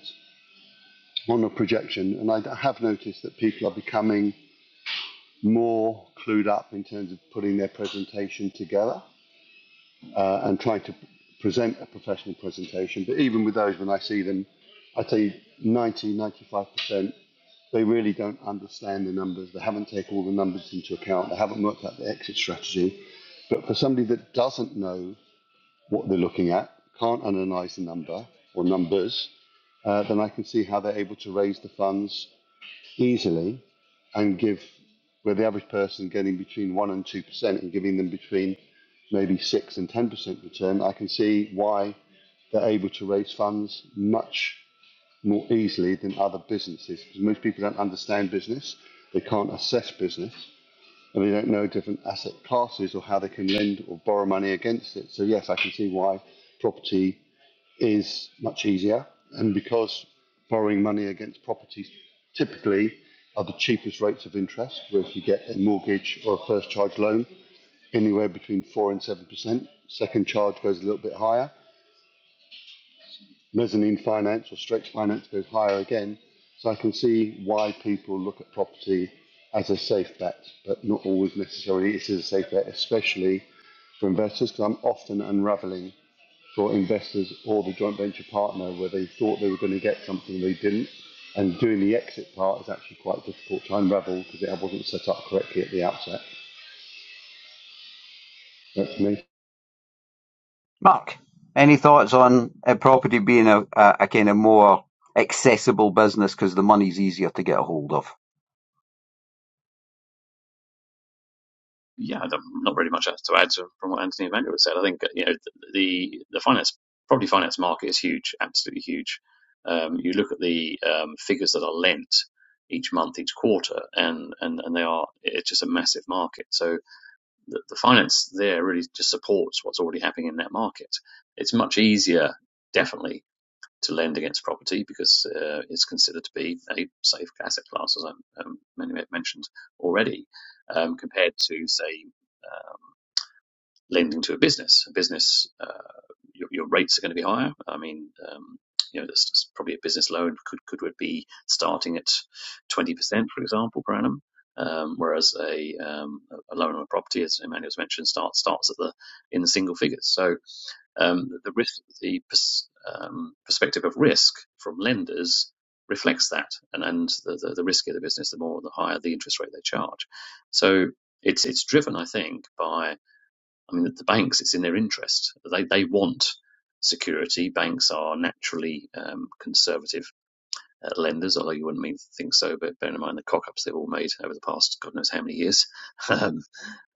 S4: on a projection, and I have noticed that people are becoming more clued up in terms of putting their presentation together uh, and trying to present a professional presentation. But even with those, when I see them, I'd say ninety, ninety-five percent they really don't understand the numbers. They haven't taken all the numbers into account. They haven't worked out the exit strategy. But for somebody that doesn't know what they're looking at, can't analyze the number or numbers, uh, then I can see how they're able to raise the funds easily and give where the average person getting between 1% and 2% and giving them between maybe 6 percent and 10% return, I can see why they're able to raise funds much more easily than other businesses. Because most people don't understand business, they can't assess business, and they don't know different asset classes or how they can lend or borrow money against it. So yes, I can see why property is much easier, and because borrowing money against property typically are the cheapest rates of interest, where if you get a mortgage or a first charge loan, anywhere between four and seven percent. Second charge goes a little bit higher. Mezzanine finance or stretch finance goes higher again. So I can see why people look at property as a safe bet, but not always necessarily it is a safe bet, especially for investors because I'm often unraveling for investors or the joint venture partner where they thought they were going to get something they didn't. And doing the exit part is actually quite difficult to unravel because it wasn't set up correctly at the outset. That's me.
S2: Mark, any thoughts on uh, property being a, a, a kind of more accessible business because the money's easier to get a hold of?
S3: Yeah, not really much else to add to, from what Anthony Evangelist said. I think you know the the finance property finance market is huge, absolutely huge. Um, you look at the um, figures that are lent each month, each quarter, and and and they are it's just a massive market. So the, the finance there really just supports what's already happening in that market. It's much easier, definitely, to lend against property because uh, it's considered to be a safe asset class, as I um, many have mentioned already, um, compared to, say, um, lending to a business. A business, uh, your, your rates are going to be higher. I mean, um, you know, that's probably a business loan could could would be starting at 20%, for example, per annum. Um, whereas a, um, a loan on a property, as Emmanuel's mentioned, starts starts at the in the single figures. So um, the risk, the pers- um, perspective of risk from lenders reflects that, and and the, the, the riskier the business, the more the higher the interest rate they charge. So it's it's driven, I think, by I mean the banks. It's in their interest. They they want security. Banks are naturally um, conservative uh, lenders, although you wouldn't mean to think so, but bear in mind the cock-ups they've all made over the past God knows how many years. Um,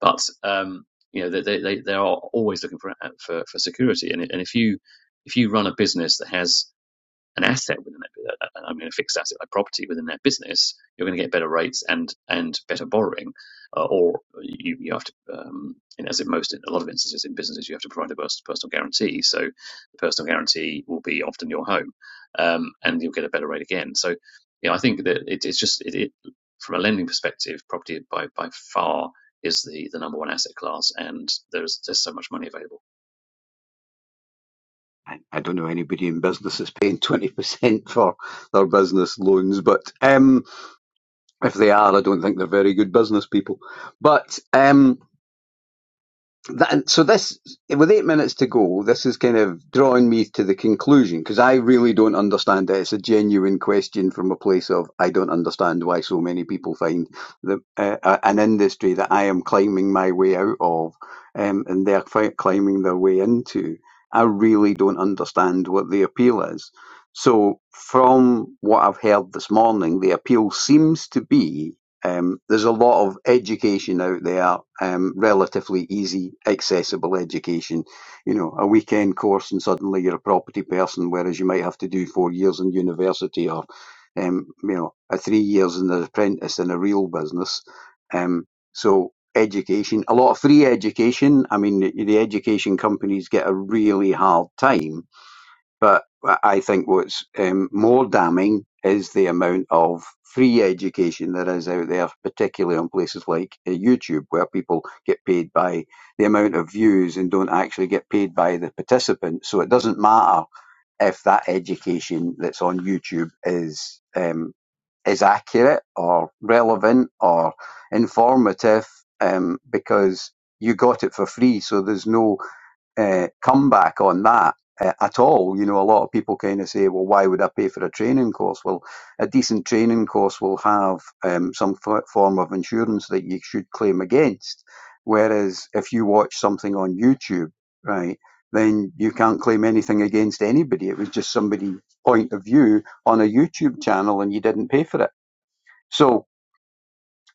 S3: but um, you know, they, they they are always looking for uh, for, for security, and and if you if you run a business that has an asset within that, uh, uh, I mean, a fixed asset, a property within that business, you're going to get better rates and and better borrowing, uh, or you, you have to, um, in, as in most, in a lot of instances in businesses, you have to provide a personal guarantee. So the personal guarantee will be often your home, um, and you'll get a better rate again. So, you know, I think that it, it's just it, it from a lending perspective, property by by far is the the number one asset class, and there's there's so much money available.
S2: I, I don't know anybody in business that's paying 20% for their business loans, but um, if they are, I don't think they're very good business people. But um, that, so this, with eight minutes to go, this is kind of drawing me to the conclusion because I really don't understand it. It's a genuine question from a place of I don't understand why so many people find the, uh, uh, an industry that I am climbing my way out of, um, and they're fi- climbing their way into. I really don't understand what the appeal is. So, from what I've heard this morning, the appeal seems to be um, there's a lot of education out there, um, relatively easy, accessible education. You know, a weekend course and suddenly you're a property person, whereas you might have to do four years in university or, um, you know, a three years in an apprentice in a real business. Um, so education, a lot of free education. I mean, the the education companies get a really hard time but I think what's um, more damning is the amount of free education that is out there, particularly on places like uh, YouTube, where people get paid by the amount of views and don't actually get paid by the participants. So it doesn't matter if that education that's on YouTube is um, is accurate or relevant or informative, um, because you got it for free. So there's no uh, comeback on that uh, at all. You know, a lot of people kind of say, well, why would I pay for a training course? Well, a decent training course will have um, some f- form of insurance that you should claim against. Whereas if you watch something on YouTube, right, then you can't claim anything against anybody. It was just somebody's point of view on a YouTube channel and you didn't pay for it. So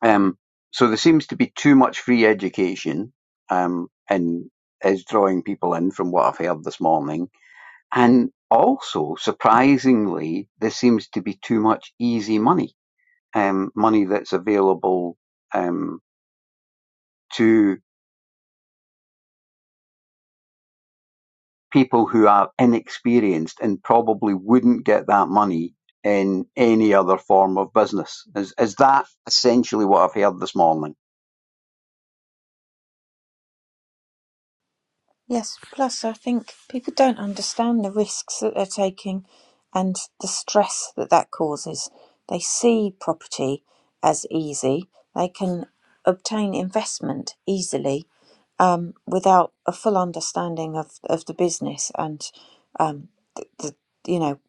S2: um, so there seems to be too much free education, um, and is drawing people in from what I've heard this morning. And also, surprisingly, there seems to be too much easy money, um, money that's available um, to people who are inexperienced and probably wouldn't get that money in any other form of business. Is, is that essentially what I've heard this morning?
S1: Yes, plus I think people don't understand the risks that they're taking and the stress that that causes. They see property as easy, they can obtain investment easily, um, without a full understanding of, of the business and um, the, the, you know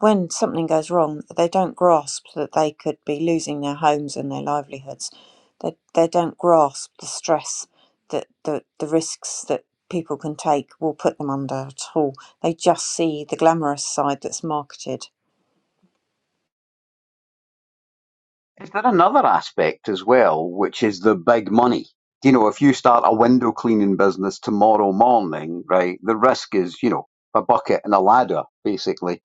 S1: when something goes wrong they don't grasp that they could be losing their homes and their livelihoods they, they don't grasp the stress that the, the risks that people can take will put them under at all they just see the glamorous side that's marketed
S2: Is there another aspect as well, which is the big money? You know, if you start a window cleaning business tomorrow morning, right, the risk is, you know, a bucket and a ladder, basically.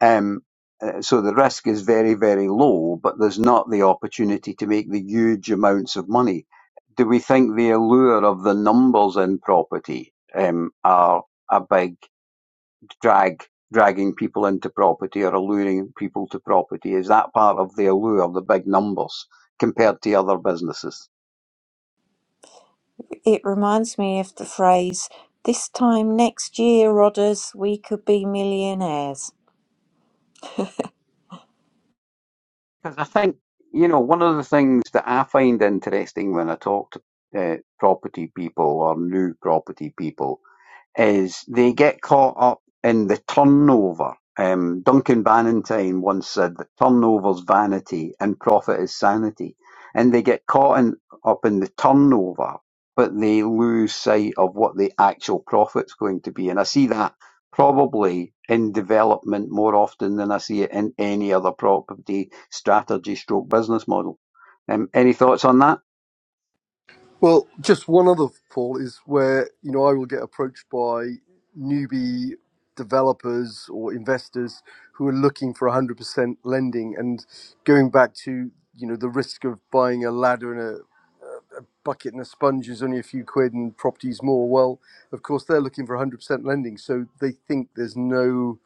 S2: Um, uh, so the risk is very, very low, but there's not the opportunity to make the huge amounts of money. Do we think the allure of the numbers in property um, are a big drag dragging people into property or alluring people to property? Is that part of the allure, the big numbers, compared to other businesses?
S1: it reminds me of the phrase this time next year rodders we could be millionaires
S2: Because I think, you know, one of the things that I find interesting when I talk to uh, property people or new property people is they get caught up in the turnover. Um, Duncan Bannatyne once said that turnover's vanity and profit is sanity. And they get caught in, up in the turnover, but they lose sight of what the actual profit's going to be. And I see that probably in development more often than I see it in any other property strategy stroke business model. Um, any thoughts on that?
S5: Well, just one other, Paul, is where, you know, I will get approached by newbie developers or investors who are looking for 100% lending and going back to, you know, the risk of buying a ladder and a bucket and a sponge is only a few quid and properties more. Well, of course, they're looking for 100% lending. So they think there's no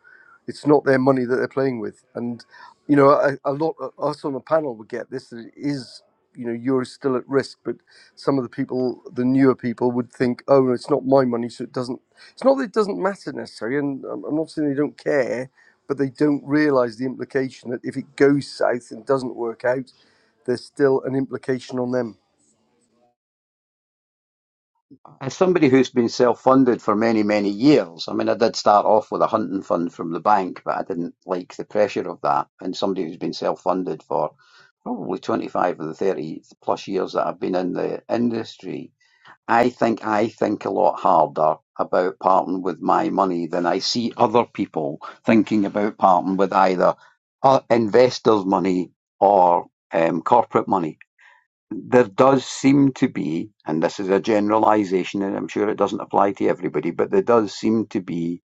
S5: it's not their money that they're playing with, and you know, a, a lot of us on the panel would get this. That it is, you know, you're still at risk, but some of the people, the newer people, would think, oh, no, it's not my money, so it doesn't. It's not that it doesn't matter necessarily, and I'm I'm not saying they don't care, but they don't realise the implication that if it goes south and doesn't work out, there's still an implication on them.
S2: As somebody who's been self-funded for many, many years, I mean, I did start off with a hunting fund from the bank, but I didn't like the pressure of that. And somebody who's been self-funded for probably 25 of the 30 plus years that I've been in the industry, I think I think a lot harder about parting with my money than I see other people thinking about parting with either uh, investors' money or um, corporate money there does seem to be, and this is a generalization, and I'm sure it doesn't apply to everybody, but there does seem to be,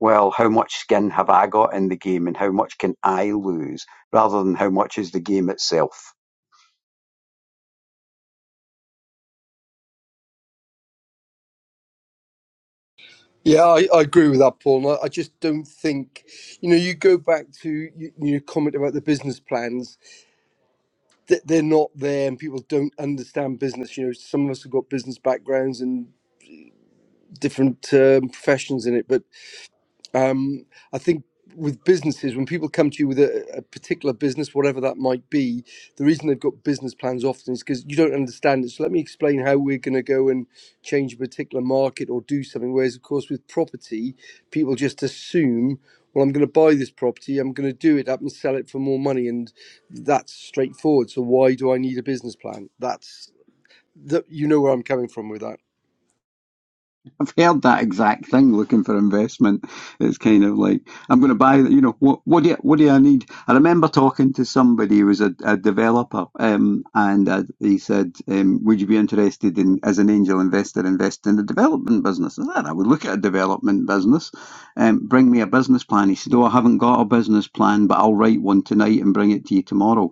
S2: well, how much skin have I got in the game and how much can I lose rather than how much is the game itself?
S5: Yeah, I, I agree with that, Paul. and I, I just don't think, you know, you go back to y- your comment about the business plans. th- they're not there and people don't understand business you know some of us have got business backgrounds and different um, professions in it but um, I think with businesses, when people come to you with a, a particular business, whatever that might be, the reason they've got business plans often is because you don't understand it. So let me explain how we're going to go and change a particular market or do something. Whereas, of course, with property, people just assume, well, I'm going to buy this property, I'm going to do it up and sell it for more money, and that's straightforward. So why do I need a business plan? That's that you know where I'm coming from with that.
S2: I've heard that exact thing looking for investment. It's kind of like I'm going to buy. You know, what what do you, what do I need? I remember talking to somebody who was a, a developer, um, and uh, he said, um, "Would you be interested in as an angel investor invest in a development business?" I said, "I would look at a development business. Um, bring me a business plan." He said, "Oh, I haven't got a business plan, but I'll write one tonight and bring it to you tomorrow."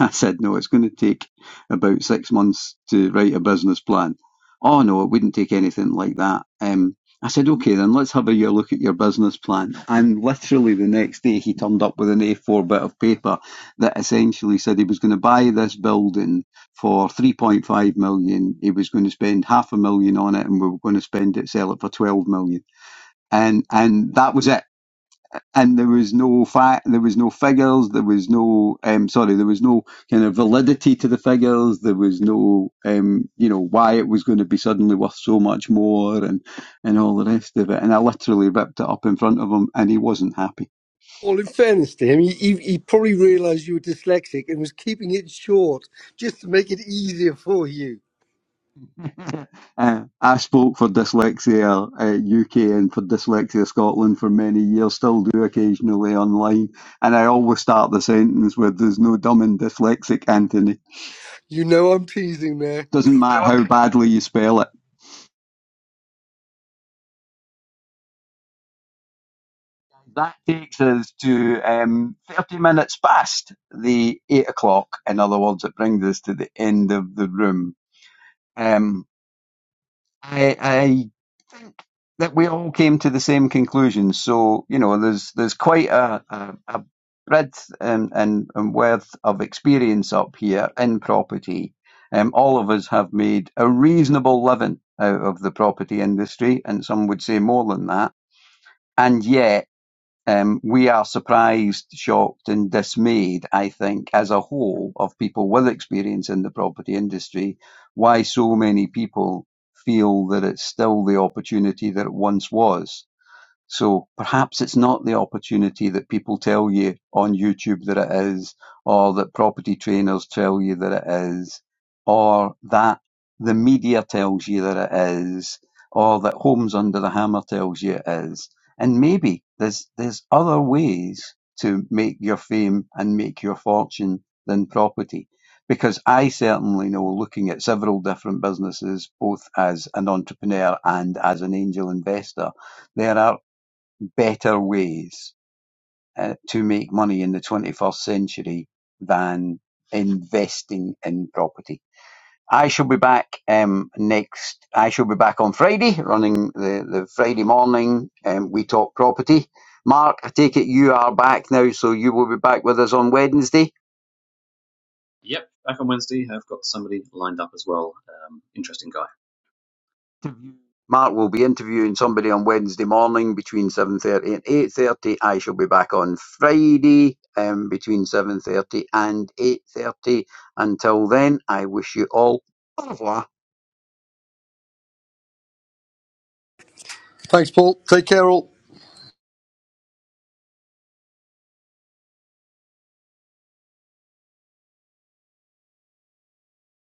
S2: I said, no, it's going to take about six months to write a business plan. Oh, no, it wouldn't take anything like that. Um, I said, okay, then let's have a year look at your business plan. And literally the next day, he turned up with an A4 bit of paper that essentially said he was going to buy this building for 3.5 million. He was going to spend half a million on it and we were going to spend it, sell it for 12 million. And, and that was it and there was no fact, there was no figures, there was no, um, sorry, there was no kind of validity to the figures, there was no, um, you know, why it was going to be suddenly worth so much more, and and all the rest of it. And I literally ripped it up in front of him, and he wasn't happy.
S5: Well, in fairness to him, he, he, he probably realised you were dyslexic and was keeping it short just to make it easier for you.
S2: Uh, I spoke for Dyslexia uh, UK and for Dyslexia Scotland for many years, still do occasionally online, and I always start the sentence with "There's no dumb and dyslexic, Anthony."
S5: You know I'm teasing there.
S2: Doesn't matter how badly you spell it. That takes us to um, 30 minutes past the 8 o'clock. In other words, it brings us to the end of the room. Um, I, I think that we all came to the same conclusion. So, you know, there's there's quite a, a, a breadth and, and, and worth of experience up here in property. Um, all of us have made a reasonable living out of the property industry, and some would say more than that. And yet, um, we are surprised, shocked, and dismayed, I think, as a whole, of people with experience in the property industry, why so many people feel that it's still the opportunity that it once was. So perhaps it's not the opportunity that people tell you on YouTube that it is, or that property trainers tell you that it is, or that the media tells you that it is, or that Homes Under the Hammer tells you it is. And maybe there's there's other ways to make your fame and make your fortune than property. Because I certainly know looking at several different businesses, both as an entrepreneur and as an angel investor, there are better ways uh, to make money in the 21st century than investing in property. I shall be back um, next. I shall be back on Friday, running the, the Friday morning. Um, we talk property. Mark, I take it you are back now, so you will be back with us on Wednesday.
S3: Yep, back on Wednesday. I've got somebody lined up as well. Um, interesting guy.
S2: interview- Mark will be interviewing somebody on Wednesday morning between 7.30 and 8.30. I shall be back on Friday um, between 7.30 and 8.30. Until then, I wish you all au revoir.
S5: Thanks, Paul. Take care, all.